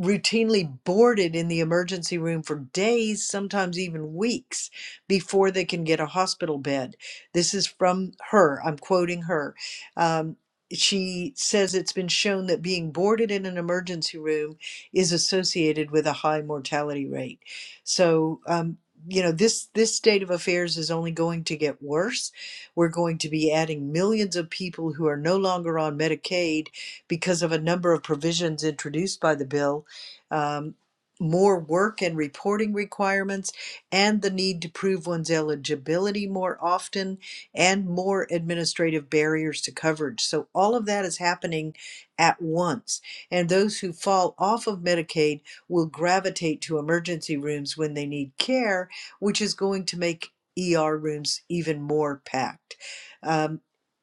D: routinely boarded in the emergency room for days, sometimes even weeks, before they can get a hospital bed. This is from her. I'm quoting her. Um, she says it's been shown that being boarded in an emergency room is associated with a high mortality rate. So, um, you know this this state of affairs is only going to get worse we're going to be adding millions of people who are no longer on medicaid because of a number of provisions introduced by the bill um, more work and reporting requirements, and the need to prove one's eligibility more often, and more administrative barriers to coverage. So, all of that is happening at once. And those who fall off of Medicaid will gravitate to emergency rooms when they need care, which is going to make ER rooms even more packed. Um,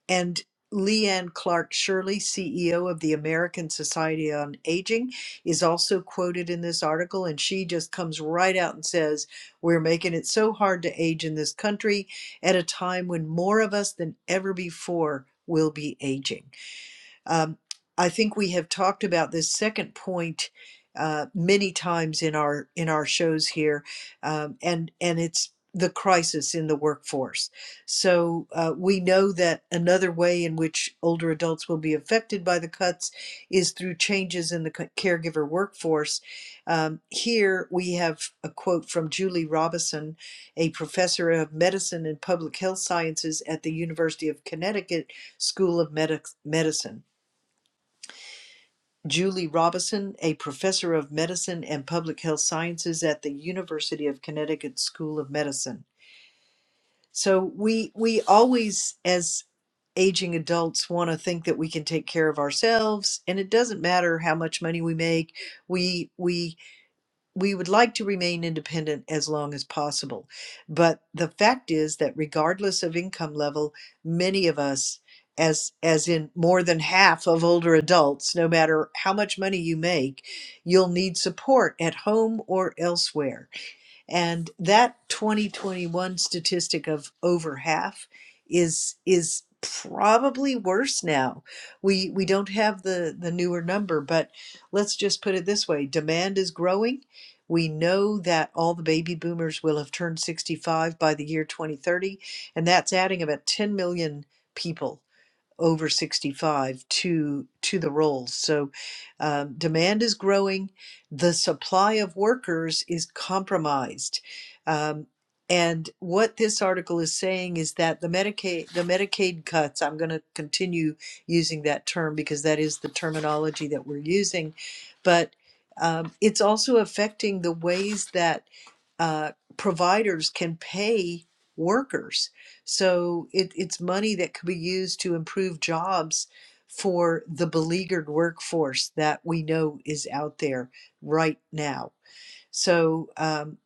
D: and Leanne Clark Shirley, CEO of the American Society on Aging, is also quoted in this article, and she just comes right out and says, We're making it so hard to age in this country at a time when more of us than ever before will be aging. Um, I think we have talked about this second point uh, many times in our in our shows here, um, and and it's the crisis in the workforce. So uh, we know that another way in which older adults will be affected by the cuts is through changes in the caregiver workforce. Um, here we have a quote from Julie Robison, a professor of medicine and public health sciences at the University of Connecticut School of Medic- Medicine. Julie Robison, a professor of medicine and public health sciences at the University of Connecticut School of Medicine. So we we always as aging adults want to think that we can take care of ourselves and it doesn't matter how much money we make. We we we would like to remain independent as long as possible. But the fact is that regardless of income level, many of us, as as in more than half of older adults, no matter how much money you make, you'll need support at home or elsewhere. And that 2021 statistic of over half is is probably worse now. We we don't have the the newer number, but let's just put it this way: demand is growing we know that all the baby boomers will have turned 65 by the year 2030, and that's adding about 10 million people over 65 to to the roles so um, demand is growing the supply of workers is compromised um, and what this article is saying is that the medicaid the medicaid cuts i'm going to continue using that term because that is the terminology that we're using but um, it's also affecting the ways that uh, providers can pay workers so it, it's money that could be used to improve jobs for the beleaguered workforce that we know is out there right now. So um,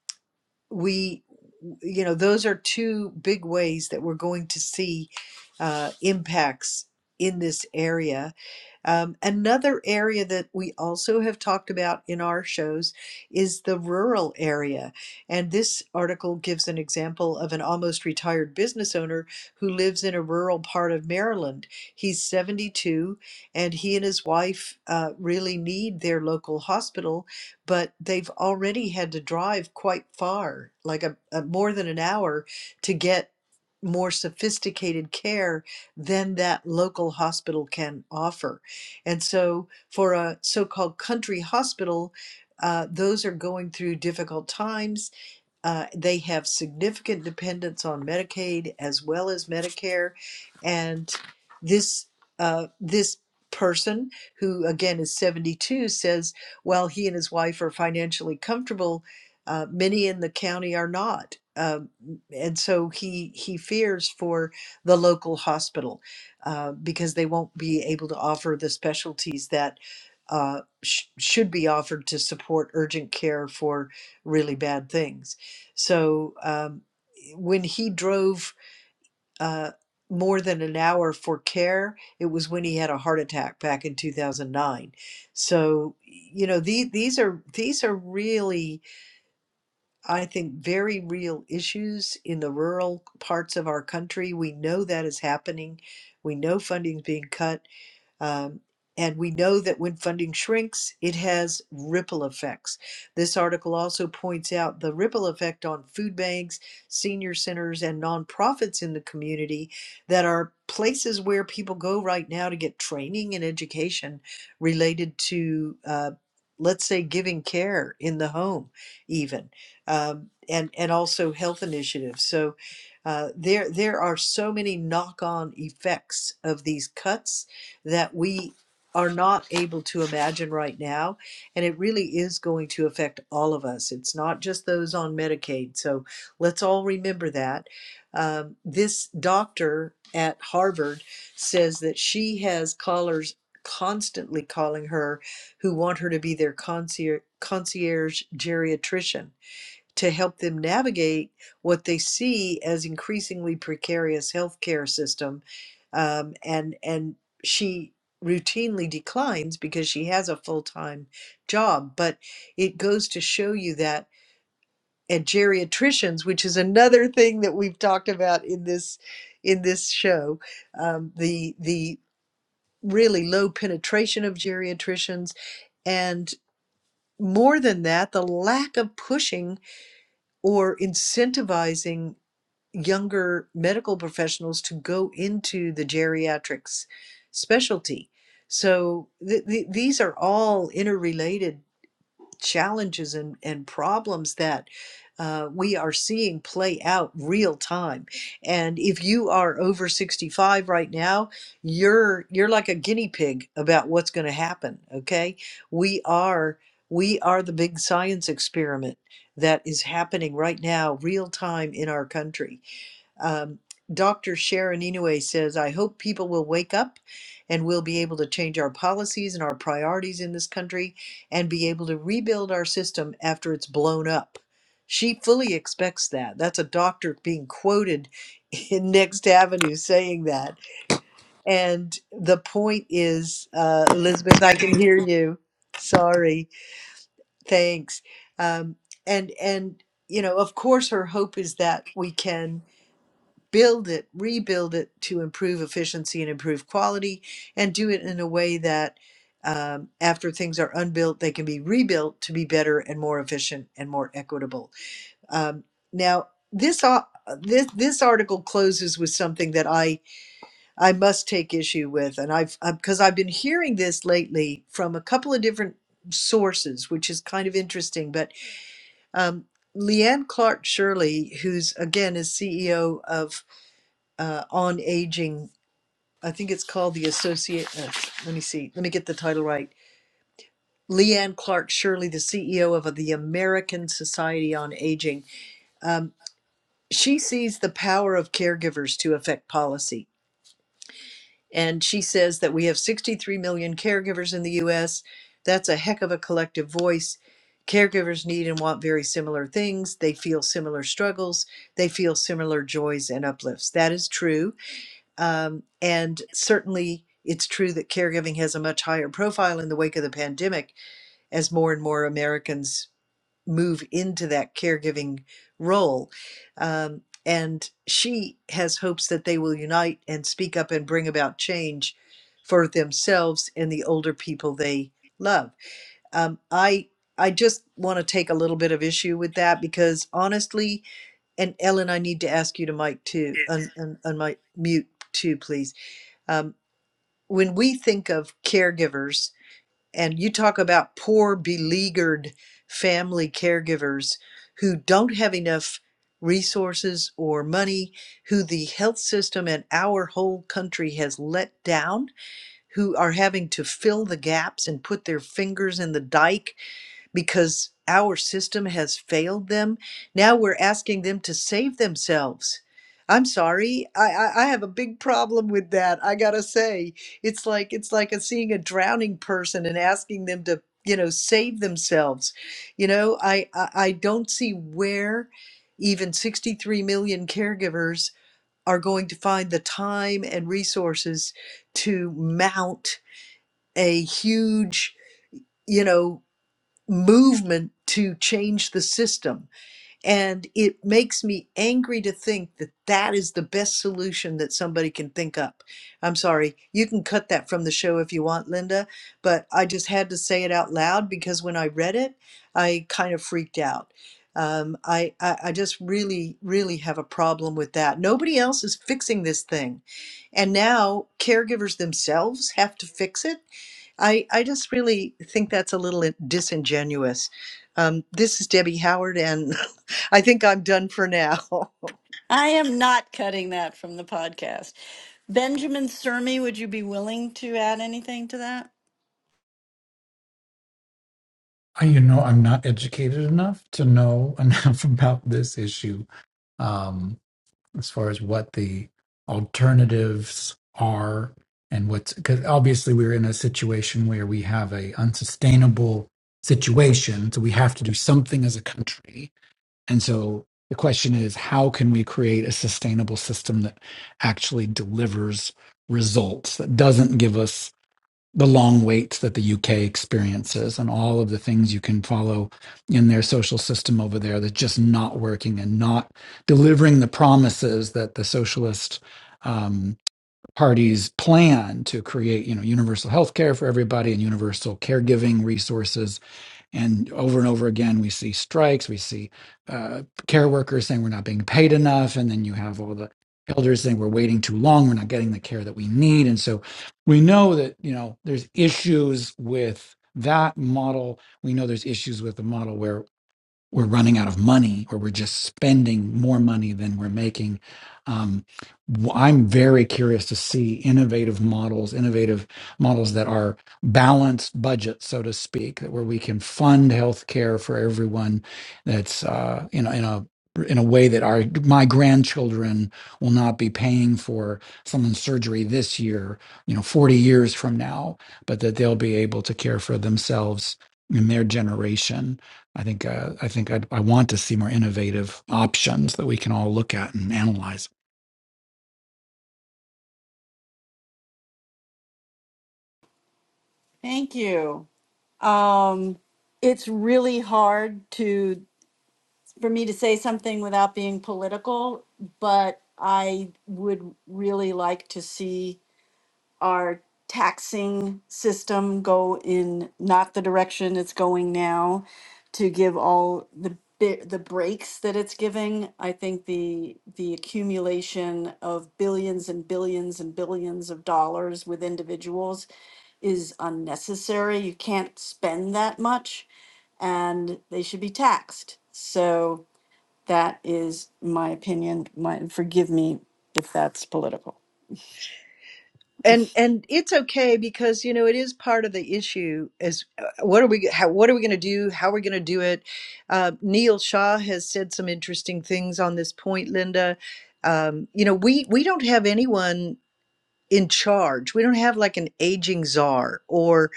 D: we you know, those are two big ways that we're going to see uh, impacts in this area. Um, another area that we also have talked about in our shows is the rural area. And this article gives an example of an almost retired business owner who lives in a rural part of Maryland. He's 72, and he and his wife uh, really need their local hospital but they've already had to drive quite far, like a, a more than an hour, to get more sophisticated care than that local hospital can offer. And so, for a so called country hospital, uh, those are going through difficult times uh, they have significant dependence on Medicaid as well as Medicare, and this uh, this person who again is 72 says while he and his wife are financially comfortable, uh, many in the county are not, um, and so he he fears for the local hospital uh, because they won't be able to offer the specialties that. Uh, sh- should be offered to support urgent care for really bad things. So um, when he drove uh, more than an hour for care, it was when he had a heart attack back in 2009. So you know these these are these are really I think very real issues in the rural parts of our country. We know that is happening. We know funding's being cut um, and we know that when funding shrinks, it has ripple effects. This article also points out the ripple effect on food banks, senior centers, and nonprofits in the community that are places where people go right now to get training and education related to, uh, let's say, giving care in the home, even, um, and, and also health initiatives. So uh, there, there are so many knock on effects of these cuts that we are not able to imagine right now. And it really is going to affect all of us. It's not just those on Medicaid. So let's all remember that. Um, this doctor at Harvard says that she has callers constantly calling her who want her to be their concierge, concierge geriatrician to help them navigate what they see as increasingly precarious healthcare system, um, and and she routinely declines because she has a full time job. But it goes to show you that at geriatricians, which is another thing that we've talked about in this in this show, um, the the really low penetration of geriatricians and more than that the lack of pushing or incentivizing younger medical professionals to go into the geriatrics specialty. So th- th- these are all interrelated challenges and, and problems that uh, we are seeing play out real time. And if you are over 65 right now, you're you're like a guinea pig about what's going to happen. Okay, we are we are the big science experiment that is happening right now, real time in our country um, Dr. Sharon Inouye says, I hope people will wake up and we'll be able to change our policies and our priorities in this country and be able to rebuild our system after it's blown up. She fully expects that. That's a doctor being quoted in Next Avenue saying that. And the point is, uh, Elizabeth, I can hear you. Sorry. Thanks. Um, and, and, you know, of course, her hope is that we can build it, rebuild it to improve efficiency and improve quality, and do it in a way that um, after things are unbuilt, they can be rebuilt to be better and more efficient and more equitable. Um, now, this, uh, this this article closes with something that I I must take issue with, and I've because I've been hearing this lately from a couple of different sources, which is kind of interesting. But um, Leanne Clark Shirley, who's again is CEO of uh, on aging. I think it's called the Associate. Uh, let me see. Let me get the title right. Leanne Clark Shirley, the CEO of the American Society on Aging. Um, she sees the power of caregivers to affect policy. And she says that we have 63 million caregivers in the US. That's a heck of a collective voice. Caregivers need and want very similar things. They feel similar struggles. They feel similar joys and uplifts. That is true. Um, and certainly, it's true that caregiving has a much higher profile in the wake of the pandemic as more and more Americans move into that caregiving role. Um, and she has hopes that they will unite and speak up and bring about change for themselves and the older people they love. Um, I I just want to take a little bit of issue with that because honestly, and Ellen, I need to ask you to mic too, on, on, on my mute too, please um, when we think of caregivers, and you talk about poor, beleaguered family caregivers who don't have enough resources or money, who the health system and our whole country has let down, who are having to fill the gaps and put their fingers in the dike because our system has failed them. Now we're asking them to save themselves. I'm sorry, I, I, I have a big problem with that. I gotta say, it's like it's like a, seeing a drowning person and asking them to you know save themselves. You know, I I, I don't see where even 63 million caregivers are going to find the time and resources to mount a huge you know movement to change the system and it makes me angry to think that that is the best solution that somebody can think up. I'm sorry, you can cut that from the show if you want, Linda, but I just had to say it out loud because when I read it, I kind of freaked out. Um, I, I, I just really, really have a problem with that. Nobody else is fixing this thing. And now caregivers themselves have to fix it. I, I just really think that's a little disingenuous. Um, this is Debbie Howard, and I think I'm done for now.
A: I am not cutting that from the podcast. Benjamin Surmy, would you be willing to add anything to that?
E: you know, I'm not educated enough to know enough about this issue. Um, as far as what the alternatives are and what's because obviously we're in a situation where we have a unsustainable situation so we have to do something as a country and so the question is how can we create a sustainable system that actually delivers results that doesn't give us the long wait that the UK experiences and all of the things you can follow in their social system over there that's just not working and not delivering the promises that the socialist um, parties plan to create, you know, universal health care for everybody and universal caregiving resources and over and over again, we see strikes, we see uh, care workers saying we're not being paid enough. And then you have all the elders saying we're waiting too long, we're not getting the care that we need. And so we know that, you know, there's issues with that model. We know there's issues with the model where we're running out of money or we're just spending more money than we're making. Um, w- I'm very curious to see innovative models, innovative models that are balanced budget, so to speak, that where we can fund healthcare for everyone. That's uh, in a, in a in a way that our my grandchildren will not be paying for someone's surgery this year, you know, 40 years from now, but that they'll be able to care for themselves in their generation I think uh, I think I'd, I want to see more innovative options that we can all look at and analyze.
A: Thank you. Um, it's really hard to for me to say something without being political, but I would really like to see our taxing system go in not the direction it's going now to give all the bit the breaks that it's giving i think the the accumulation of billions and billions and billions of dollars with individuals is unnecessary you can't spend that much and they should be taxed so that is my opinion my forgive me if that's political
D: And and it's okay because you know it is part of the issue is uh, what are we how, what are we going to do how are we going to do it uh, Neil Shaw has said some interesting things on this point Linda um, you know we we don't have anyone in charge we don't have like an aging czar or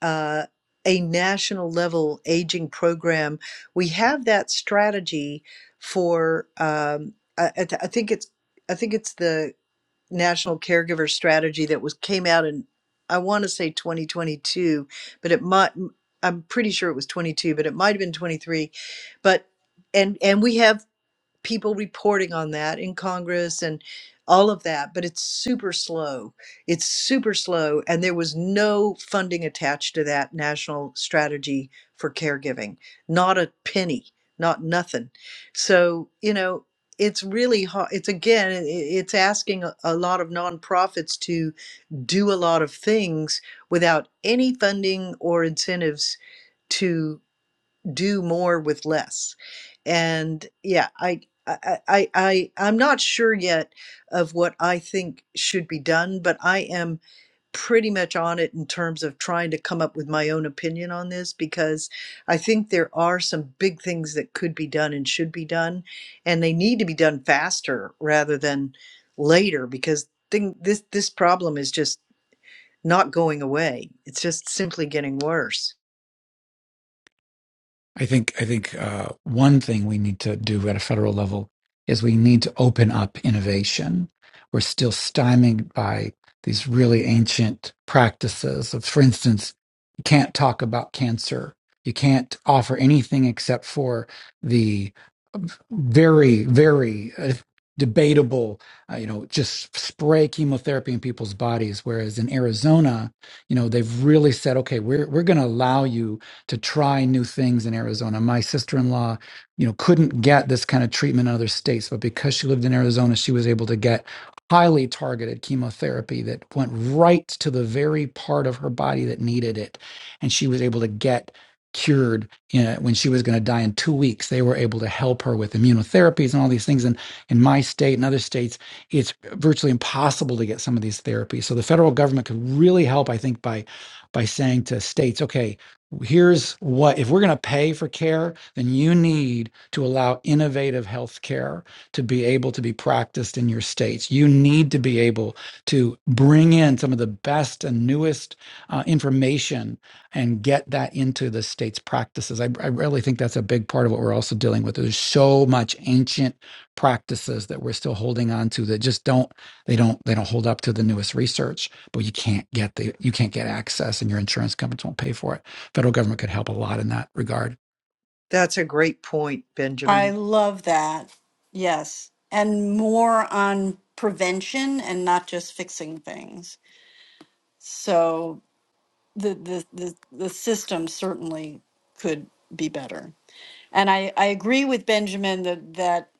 D: uh, a national level aging program we have that strategy for um, I, I th- I think it's I think it's the national caregiver strategy that was came out in I want to say 2022, but it might I'm pretty sure it was 22, but it might have been 23. But and and we have people reporting on that in Congress and all of that, but it's super slow. It's super slow. And there was no funding attached to that national strategy for caregiving, not a penny, not nothing. So, you know, it's really hard. It's again, i- it's asking a a lot of nonprofits to do a lot of things without any funding or incentives to do more with less and yeah i I, I, I, I'm not sure yet of what I think should be done, but I am pretty much on it in terms of trying to come up with my own opinion on this because I think there are some big things that could be done and should be done, and they need to be done faster rather than later because thing, this, this problem is just not going away. It's just simply getting worse.
E: I think I think uh, one thing we need to do at a federal level is we need to open up innovation. We're still stymied by these really ancient practices of, for instance, you can't talk about cancer. You can't offer anything except for the uh, very, very uh, debatable, uh, you know, just spray chemotherapy in people's bodies. Whereas in Arizona, you know, they've really said, okay, we're we're going to allow you to try new things in Arizona. My sister-in-law, you know, couldn't get this kind of treatment in other states, but because she lived in Arizona, she was able to get highly targeted chemotherapy that went right to the very part of her body that needed it, and she was able to get cured you know, when she was going to die in two weeks they were able to help her with immunotherapies and all these things and in my state and other states it's virtually impossible to get some of these therapies so the federal government could really help i think by by saying to states okay here's what if we're going to pay for care then you need to allow innovative health care to be able to be practiced in your states you need to be able to bring in some of the best and newest uh, information and get that into the state's practices I, I really think that's a big part of what we're also dealing with there's so much ancient practices that we're still holding on to that just don't they don't they don't hold up to the newest research but you can't get the you can't get access and your insurance companies won't pay for it federal government could help a lot in that regard.
D: That's a great point,
A: I
D: Benjamin.
A: love that. Yes. And more on prevention and not just fixing things. So the the the, the system certainly could be better. And I, I agree with Benjamin that, that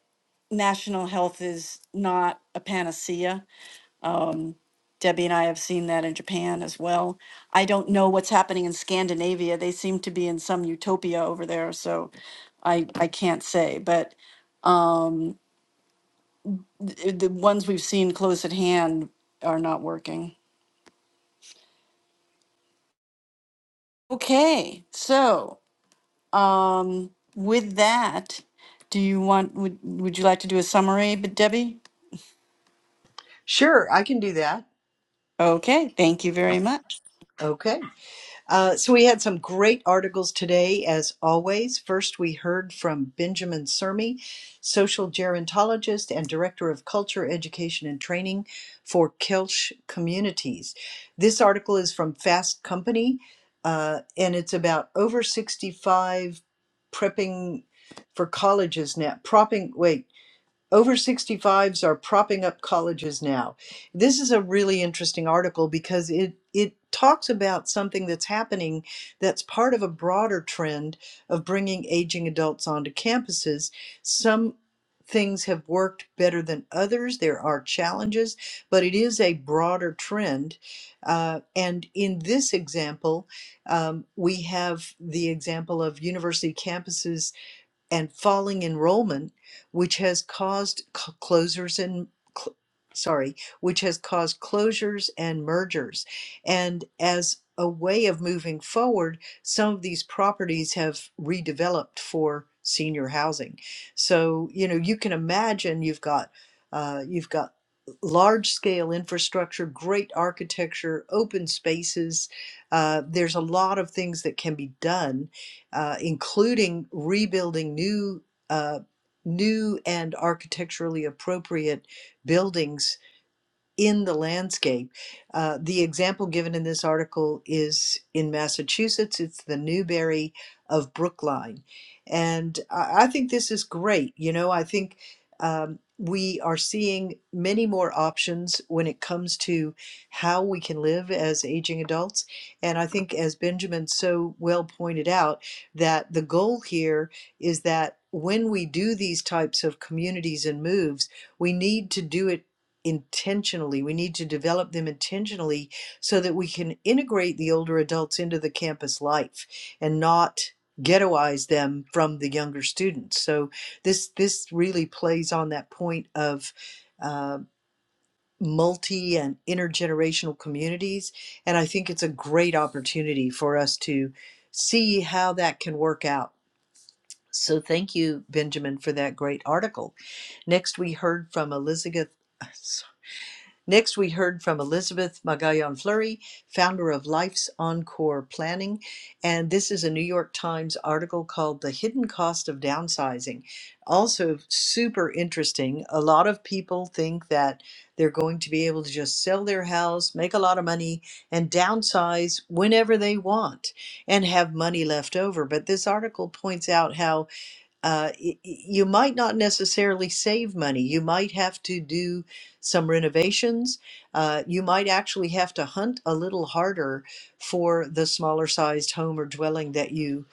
A: national health is not a panacea. Um, Debbie and I have seen that in Japan as well. I don't know what's happening in Scandinavia. They seem to be in some utopia over there, so I I can't say. But um, th- the ones we've seen close at hand are not working. Okay, so um, with that, do you want would would you like to do a summary, but Debbie?
D: Sure, I can do that.
A: Okay, thank you very much.
D: Okay. Uh, so we had some great articles today, as always. First, we heard from Benjamin Sermi, social gerontologist and director of culture, education, and training for Kelch Communities. This article is from Fast Company, uh, and it's about over 65 prepping for colleges now. Propping, wait, Over 65s are propping up colleges now. This is a really interesting article because it it talks about something that's happening that's part of a broader trend of bringing aging adults onto campuses. Some things have worked better than others. There are challenges, but it is a broader trend. Uh, and in this example, um, we have the example of university campuses and falling enrollment, which has caused c- closures and cl- sorry, which has caused closures and mergers. And as a way of moving forward, some of these properties have redeveloped for senior housing. So you know you can imagine you've got uh, you've got large scale infrastructure, great architecture, open spaces. Uh, there's a lot of things that can be done uh, including rebuilding new uh, new and architecturally appropriate buildings in the landscape. Uh, the example given in this article is in Massachusetts, it's the Newberry of Brookline. And I, I think this is great. You know, I think um, we are seeing many more options when it comes to how we can live as aging adults. And I think, as Benjamin so well pointed out, that the goal here is that when we do these types of communities and moves, we need to do it intentionally. We need to develop them intentionally so that we can integrate the older adults into the campus life and not ghettoize them from the younger students. So this this really plays on that point of uh, multi and intergenerational communities, and I think it's a great opportunity for us to see how that can work out. So thank you, Benjamin, for that great article. Next, we heard from Elizabeth. uh, Next, we heard from Elizabeth Magallon Fleury, founder of Life's Encore Planning. And this is a New York Times article called The Hidden Cost of Downsizing. Also, super interesting. A lot of people think that they're going to be able to just sell their house, make a lot of money, and downsize whenever they want and have money left over. But this article points out how uh, y- y- you might not necessarily save money. You might have to do some renovations. Uh, you might actually have to hunt a little harder for the smaller sized home or dwelling that you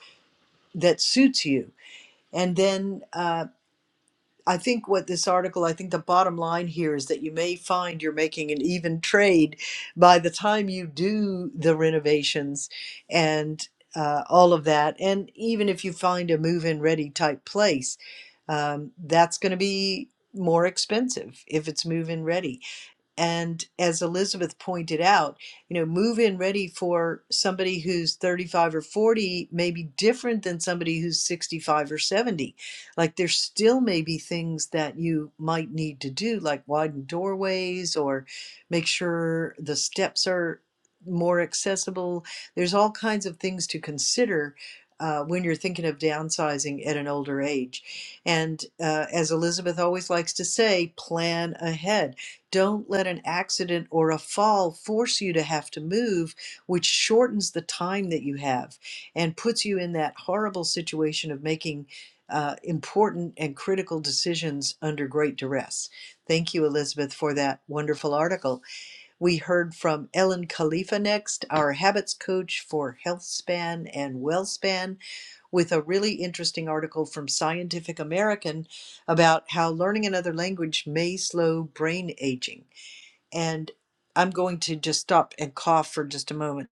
D: that suits you. And then uh, I think what this article, I think the bottom line here is that you may find you're making an even trade by the time you do the renovations and uh, all of that. And even if you find a move in ready type place, um, that's going to be more expensive if it's move in ready. And as Elizabeth pointed out, you know, move in ready for somebody who's 35 or 40 may be different than somebody who's 65 or 70. Like there still may be things that you might need to do, like widen doorways or make sure the steps are more accessible. There's all kinds of things to consider. Uh, when you're thinking of downsizing at an older age. And uh, as Elizabeth always likes to say, plan ahead don't let an accident or a fall force you to have to move, which shortens the time that you have and puts you in that horrible situation of making uh, important and critical decisions under great duress. Thank you, Elizabeth, for that wonderful article. We heard from Ellen Khalifa next, our habits coach for HealthSpan and WellSpan, with a really interesting article from Scientific American about how learning another language may slow brain aging and I'm going to just stop and cough for just a moment.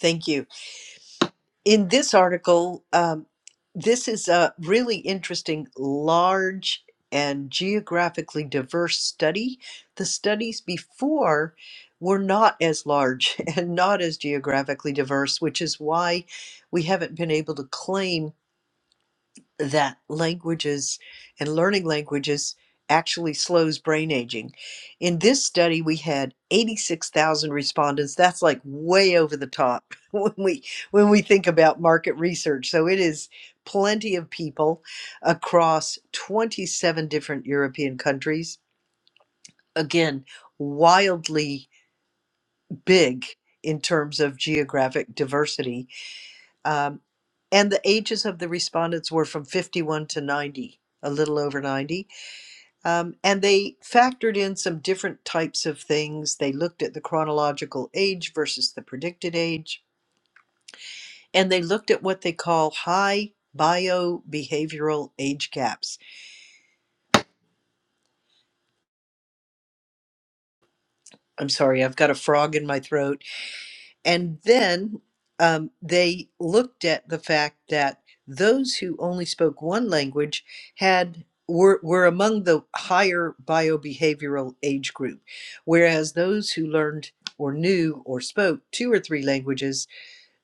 D: Thank you. In this article, um, this is a really interesting, large, and geographically diverse study. The studies before were not as large and not as geographically diverse, which is why we haven't been able to claim that languages and learning languages actually slows brain aging. In this study, we had 86,000 respondents. That's like way over the top when we when we think about market research. So it is plenty of people across 27 different European countries. Again, wildly big in terms of geographic diversity um, and the ages of the respondents were from 51 to 90, a little over 90. Um, and they factored in some different types of things. They looked at the chronological age versus the predicted age, and they looked at what they call high bio behavioral age gaps. I'm sorry, I've got a frog in my throat And then um, they looked at the fact that those who only spoke one language had were, were among the higher biobehavioral age group, whereas those who learned or knew or spoke two or three languages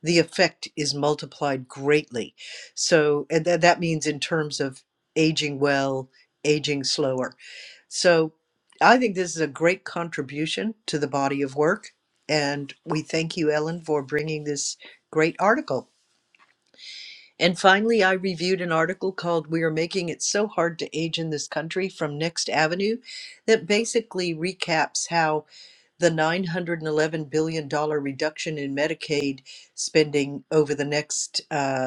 D: the effect is multiplied greatly. So, and tha- that means in terms of aging well, aging slower. So, I think this is a great contribution to the body of work. And we thank you, Ellen, for bringing this great article. And finally, I reviewed an article called We Are Making It So Hard to Age in This Country from Next Avenue that basically recaps how the $911 billion dollars reduction in Medicaid spending over the next uh,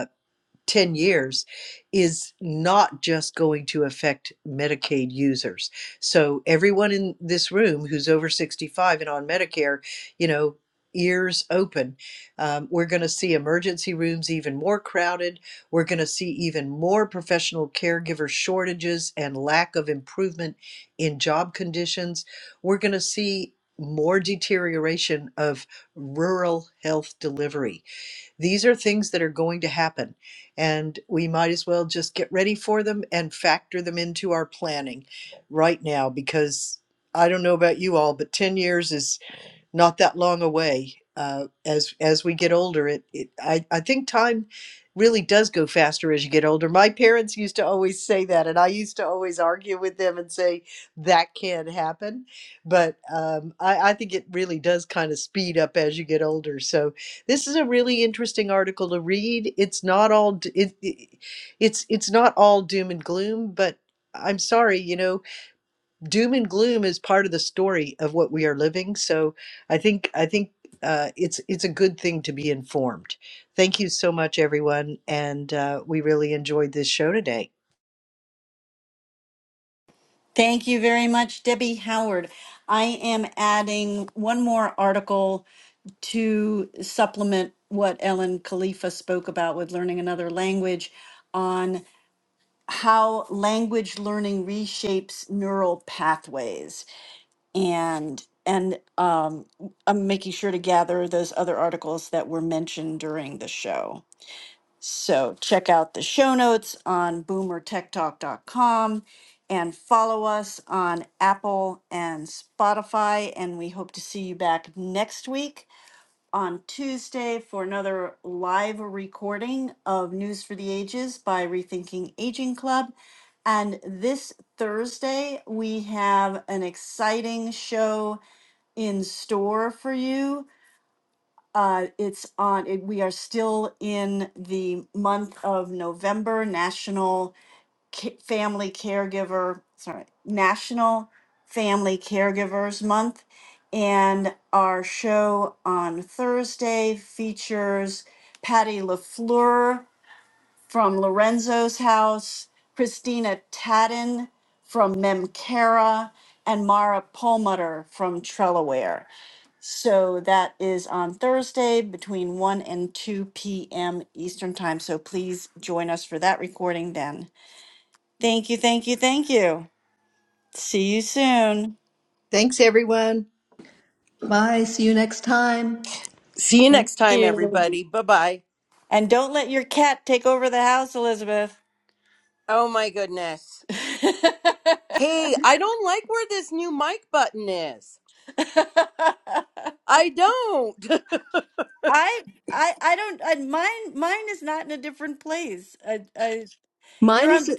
D: 10 years is not just going to affect Medicaid users. So everyone in this room who's over 65 and on Medicare, you know, ears open. Um, we're going to see emergency rooms even more crowded. We're going to see even more professional caregiver shortages and lack of improvement in job conditions. We're going to see more deterioration of rural health delivery these are things that are going to happen, and we might as well just get ready for them and factor them into our planning right now because I don't know about you all, but 10 years is not that long away. Uh, as as we get older, it, it I, I think time really does go faster as you get older. My parents used to always say that, and I used to always argue with them and say that can't happen. But um, I, I think it really does kind of speed up as you get older. So this is a really interesting article to read. It's not all d- it, it, it's it's not all doom and gloom, but I'm sorry, you know doom and gloom is part of the story of what we are living. So I think I think uh, it's it's a good thing to be informed. Thank you so much, everyone, and uh, we really enjoyed this show today.
A: Thank you very much, Debbie Howard. I am adding one more article to supplement what Ellen Khalifa spoke about with learning another language on how language learning reshapes neural pathways. and and um, I'm making sure to gather those other articles that were mentioned during the show. So check out the show notes on boomertechtalk.com and follow us on Apple and Spotify. And we hope to see you back next week on Tuesday for another live recording of News for the Ages by Rethinking Aging Club. And this Thursday, we have an exciting show in store for you. Uh, it's on, it, we are still in the month of November, National Ca- Family Caregiver, sorry, National Family Caregivers Month. And our show on Thursday features Patty LaFleur from Lorenzo's house, Christina Tadden from Memcara, and Mara Perlmutter from Trellaware. So that is on Thursday between 1 and 2 p.m. Eastern Time. So please join us for that recording then. Thank you, thank you, thank you. See you soon.
D: Thanks, everyone.
B: Bye, see you next time.
F: See you
A: Thank
F: next time,
A: you.
F: everybody. Bye bye.
A: And don't let your cat take over the house, Elizabeth.
F: Oh my goodness. Hey, I don't like where this new mic button is. I don't.
A: I I I don't I, mine mine is not in a different place. I I
B: Mine
A: you're on
B: is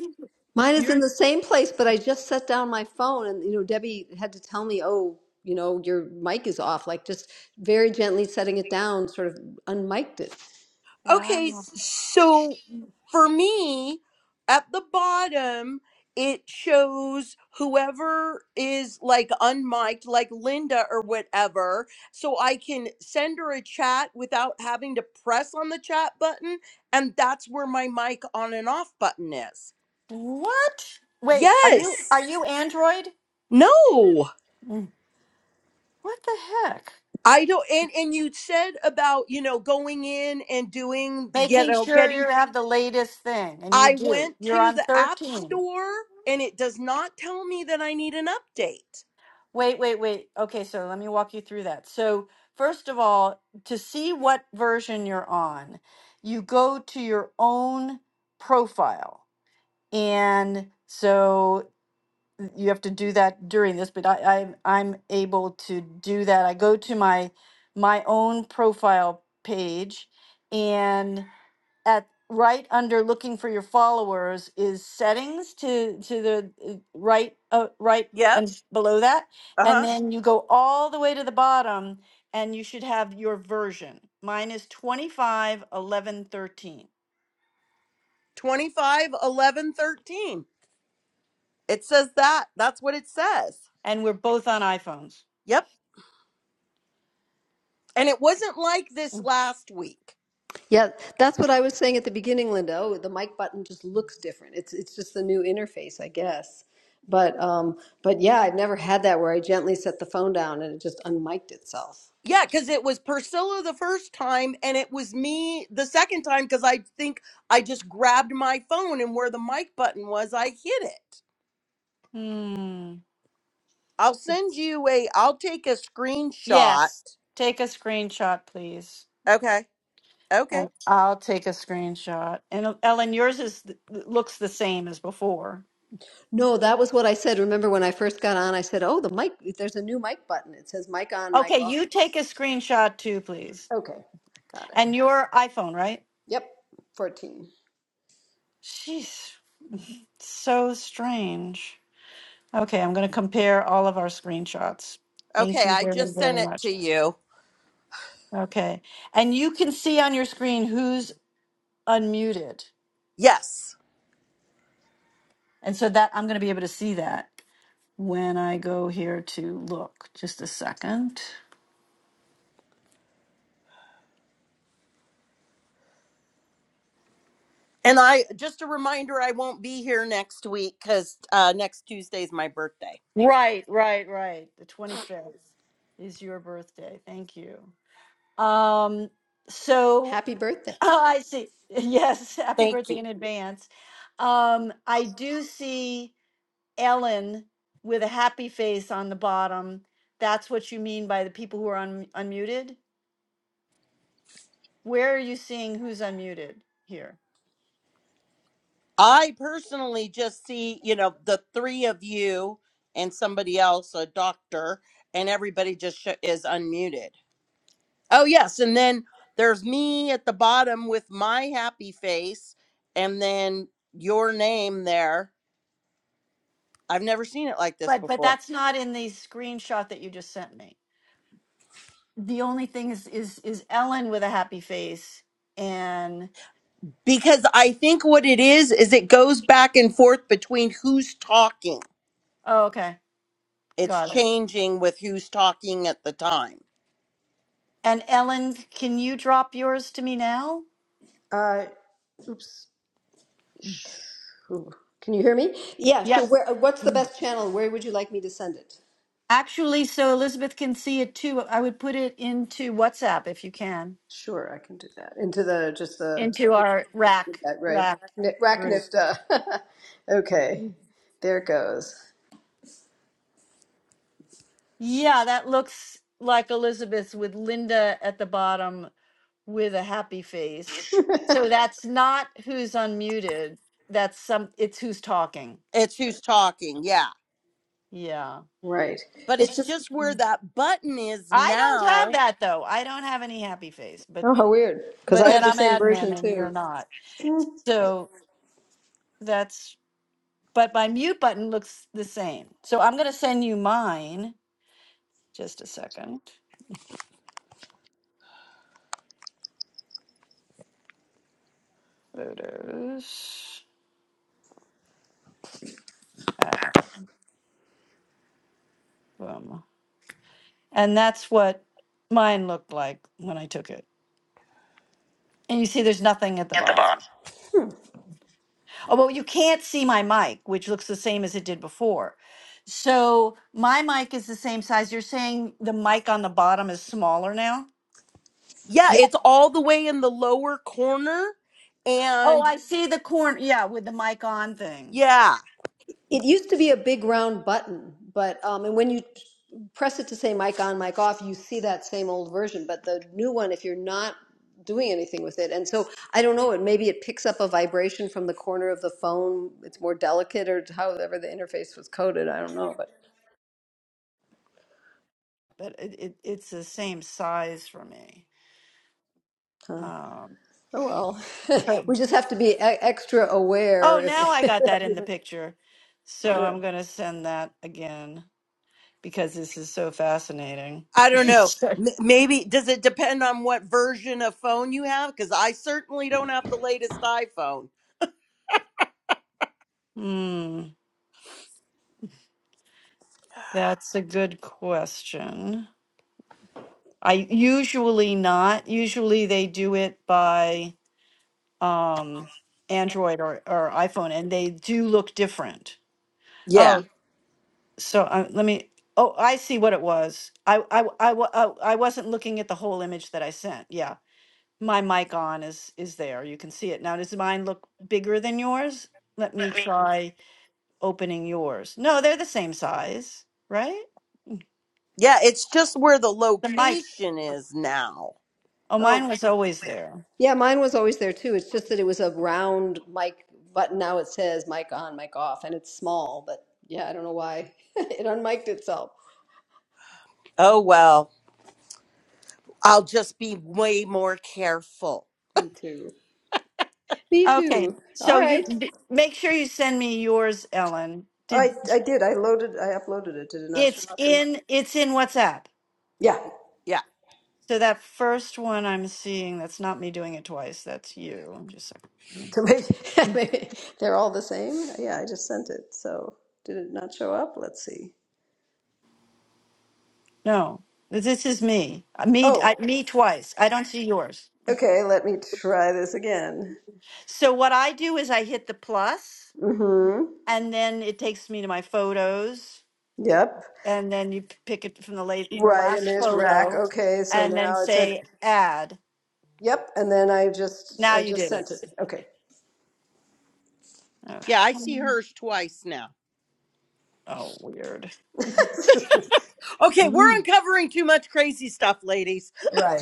B: mine is in
A: you're
B: the same place, but I just set down my phone and you know Debbie had to tell me, "Oh, you know, your mic is off." Like just very gently setting it down, sort of unmiked it.
F: Okay,
A: Wow.
F: s- so for me, at the bottom, it shows whoever is like unmiked, like Linda or whatever. So I can send her a chat without having to press on the chat button. And that's where my mic on and off button is.
A: what? Wait, are you
F: Yes.
A: are you Android?
F: No.
A: Mm. What the heck?
F: I don't and and you said about, you know, going in and doing you
A: Making
F: know,
A: sure
F: getting
A: you have the latest thing and you
F: I
A: do.
F: went
A: You're
F: to
A: on
F: the app
A: 13.
F: store and it does not tell me that I need an update.
A: Wait, wait, wait. Okay, so let me walk you through that. So, first of all, to see what version you're on, you go to your own profile. And so you have to do that during this, but I, I I'm able to do that. I go to my my own profile page and at right under looking for your followers is settings to to the uh, right uh, right
F: Yep.
A: and s- below that
F: Uh
A: and
F: huh.
A: then you go all the way to the bottom and you should have your version. Mine is twenty five eleven thirteen,
F: 25, 11, 13. It says that. That's what it says.
A: and we're both on iPhones.
F: Yep. And it wasn't like this last week.
B: Yeah, that's what I was saying at the beginning, Linda. Oh, the mic button just looks different. It's it's just the new interface, I guess. But um but yeah, I've never had that where I gently set the phone down and it just unmiked itself.
F: Yeah, because it was Priscilla the first time and it was me the second time because I think I just grabbed my phone and where the mic button was, I hit it.
A: Hmm.
F: I'll send you a, I'll take a screenshot.
A: Yes. Take a screenshot please.
F: Okay. Okay.
A: And I'll take a screenshot. And Ellen, yours is looks the same as before.
B: No, that was what I said. Remember when I first got on, I said, "Oh, the mic, there's a new mic button. It says mic on, mic
A: Okay,
B: off."
A: you take a screenshot too, please.
B: Okay, got it.
A: And your iPhone, right?
B: Yep, 14.
A: Jeez, so strange. Okay, I'm going to compare all of our screenshots. Thank
F: Okay,
A: you
F: I
A: very,
F: just
A: very
F: sent it
A: much.
F: to you.
A: Okay, and you can see on your screen who's unmuted,
F: Yes.
A: and so that I'm going to be able to see that when I go here to look. Just a second.
F: And I just a reminder I won't be here next week cuz uh next Tuesday is my birthday.
A: Right, right, right. The 25th is your birthday. Thank you. Um, so
B: Happy birthday.
A: I see. Yes, happy
F: Thank
A: birthday
F: you.
A: in advance. Um, I do see Ellen with a happy face on the bottom. That's what you mean by the people who are un- unmuted? Where are you seeing who's unmuted here?
F: I personally just see, you know, the three of you and somebody else, a doctor, and everybody just sh- is unmuted. Oh, yes, and then there's me at the bottom with my happy face and then your name there. I've never seen it like this
A: But but
F: before.
A: that's not in the screenshot that you just sent me. The only thing is is is Ellen with a happy face and
F: because I think what it is is it goes back and forth between who's talking.
A: Oh, okay.
F: It's
A: Got it.
F: changing with who's talking at the time.
A: And Ellen, can you drop yours to me now?
B: Uh, oops. Sh- ooh, Can you hear me? Yeah,
A: Yep.
B: sure. Where, uh, what's the best channel? Where would you like me to send it?
A: Actually, so Elizabeth can see it too. I would put it into WhatsApp if you can,
B: Sure, I can do that. Into the, just the,
A: into our rack
B: that, right,
A: rack group.
B: Racknifta. okay, there it goes.
A: Yeah, that looks like Elizabeth with Linda at the bottom with a happy face. So that's not who's unmuted. That's some it's who's talking.
F: It's who's talking, yeah.
A: Yeah.
B: Right.
F: But
B: It's
F: it's
B: just,
F: just where that button is
A: I don't have
F: now.
A: that though. I don't have any happy face,
B: oh,
A: but
B: how weird, because I
A: but
B: have
A: then
B: the
A: I'm
B: same version
A: admin and you're
B: too.
A: not. So that's, but my mute button looks the same. So I'm going to send you mine. Just a second. Photos. All right, boom. And that's what mine looked like when I took it. And you see there's nothing at the
B: At the
A: bottom.
B: bottom.
A: Oh, well, you can't see my mic, which looks the same as it did before. So my mic is the same size. You're saying the mic on the bottom is smaller now?
F: Yeah, it's all the way in the lower corner
A: Oh,
F: and
A: I see the corner. Yeah, with the mic on thing.
F: yeah,
B: It used to be a big round button, but um, and when you press it to say mic on, mic off, you see that same old version. But the new one, if you're not doing anything with it, and so I don't know, it maybe it picks up a vibration from the corner of the phone. It's more delicate, or however the interface was coded. I don't know, but
A: but it, it it's the same size for me.
B: huh.
A: Um,
B: oh well,
A: oh,
B: we just have to be e- extra aware.
A: oh,
B: If
A: now I got that in the picture. So
B: yeah.
A: I'm going to send that again because this is so fascinating.
F: I don't know. M- Maybe does it depend on what version of phone you have cuz I certainly don't have the latest iPhone.
A: Hmm, that's a good question. I usually not. Usually they do it by um, Android or, or iPhone, and they do look different. Oh.
F: Yeah.
A: So uh, let me, oh, I see what it was. I wa- I wa- oh, I wasn't looking at the whole image that I sent. Yeah. My mic on is, is there. You can see it. Now, does mine look bigger than yours? Let me
B: Let me.
A: try opening yours. No, they're the same size, right?
F: Yeah, it's just where the
A: The mic.
F: location is now.
A: Oh, mine
B: oh
A: was always there.
B: Yeah, mine was always there too. It's just that it was a round mic button. Now it says mic on, mic off, and it's small, but yeah, I don't know why it unmiked itself.
F: Oh well. I'll just be way more careful.
B: Me too. Me
A: Okay.
B: too. All
A: So you
B: right.
A: d- make sure you send me yours, Ellen.
B: I
A: Did
B: I did. I loaded. I uploaded it. Did it not show
A: it's
B: up? In...
A: in it's in WhatsApp.
B: Yeah.
F: Yeah.
A: So that first one I'm seeing, that's not me doing it twice. That's you. Just a second.
B: So maybe, maybe they're all the same. Yeah, I just sent it. So did it not show up? Let's see.
A: No, this is me. Uh, Me,
B: Oh,
A: I, me twice. I don't see yours.
B: okay. Let me try this again.
A: So what I do is I hit the plus,
B: Mm-hmm.
A: and then it takes me to my photos,
B: Yep.
A: and then you p- pick it from the late, the
B: Right, and
A: last
B: there's rack.
A: photo,
B: Okay, so
A: and then
B: now it said
A: say add.
B: Yep, and then I just
A: Now
B: I
A: you
B: just
A: did it.
B: sent it. Okay.
F: Yeah, I see
A: Okay.
F: hers twice now.
A: Oh, weird.
F: Okay, we're
A: Mm.
F: uncovering too much crazy stuff, ladies.
B: Right.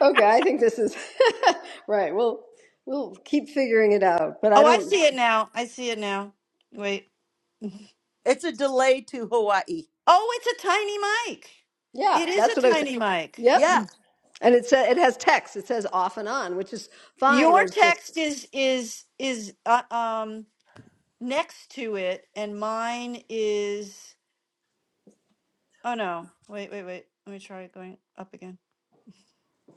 B: Okay, I think this is right. We'll we'll keep figuring it out, but I
A: Oh, I
B: don't
A: see it now. I see it now. Wait.
F: It's a delay to Hawaii.
A: Oh, it's a tiny mic.
B: yeah,
A: It is
B: that's what I
A: a
B: was saying.
A: tiny mic.
B: Yep.
F: Yeah.
B: And it says it has text. It says off and on, which is fine.
A: Your
B: It's just
A: text is is is uh, um. next to it, and mine is. Oh no! Wait, wait, wait. Let me try going up again.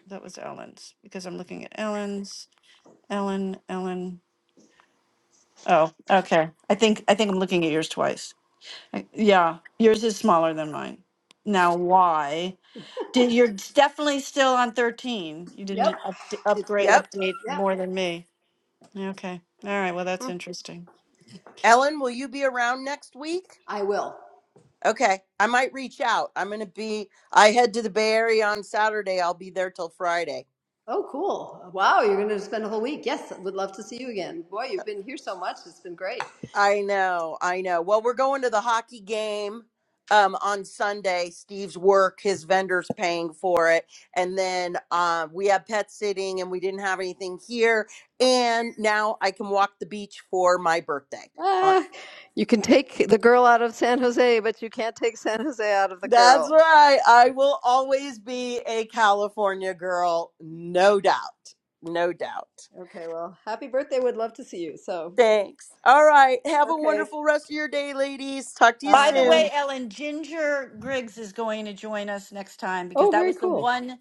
A: That was Ellen's because I'm looking at Ellen's. Ellen, Ellen. Oh, okay. I think I think I'm looking at yours twice. I- yeah, yours is smaller than mine. Now, why did you're definitely still on 13? You
B: yep.
A: didn't up,
B: It's
A: upgrade
B: met.
F: Yep.
A: update
B: Yep.
A: more than me. Okay. All right. Well, that's
F: Mm.
A: interesting.
F: Ellen, will you be around next week?
B: I will.
F: Okay, I might reach out. I'm going to be I head to the Bay Area on Saturday. I'll be there till Friday.
B: Oh, cool. Wow, you're going to spend a whole week. Yes, would love to see you again. Boy, you've been here so much. It's been great.
F: I know, I know. Well, we're going to the hockey game um on Sunday. Steve's work, his vendors paying for it. And then um we have pet sitting and we didn't have anything here. And now I can walk the beach for my birthday. On
B: Ah, you can take the girl out of San Jose, but you can't take San Jose out of the
F: That's
B: girl.
F: right. I will always be a California girl, no doubt. No doubt.
B: Okay, well, happy birthday. Would love to see you. So,
F: Thanks. All right. Have a
B: okay.
F: wonderful rest of your day, ladies. Talk to you
A: By the
F: soon.
A: way,
B: Bye.
A: Ellen, Ginger Griggs is going to join us next time because
B: Oh,
A: that
B: very
A: was the
B: cool.
A: one.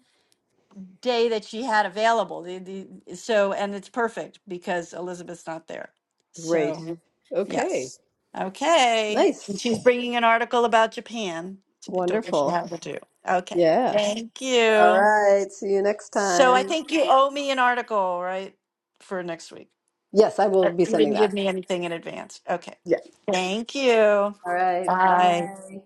A: day that she had available. The, the, so, and it's perfect because Elizabeth's not there.
B: Great.
A: So, Mhm.
B: Okay.
A: yes. Okay. And
B: Nice.
A: she's bringing an article about Japan. I don't know if she
B: Wonderful.
A: has to do. Okay.
B: Yeah.
A: Thank
B: All
A: you.
B: right. See you next
A: So I
B: time.
A: think you owe me an article, right? For next week.
B: Yes, I will
A: But
B: be
A: you
B: sending
A: didn't
B: that.
A: give me anything in advance. Okay.
B: Yeah.
A: Thank you.
B: All right.
A: Bye.
B: Bye.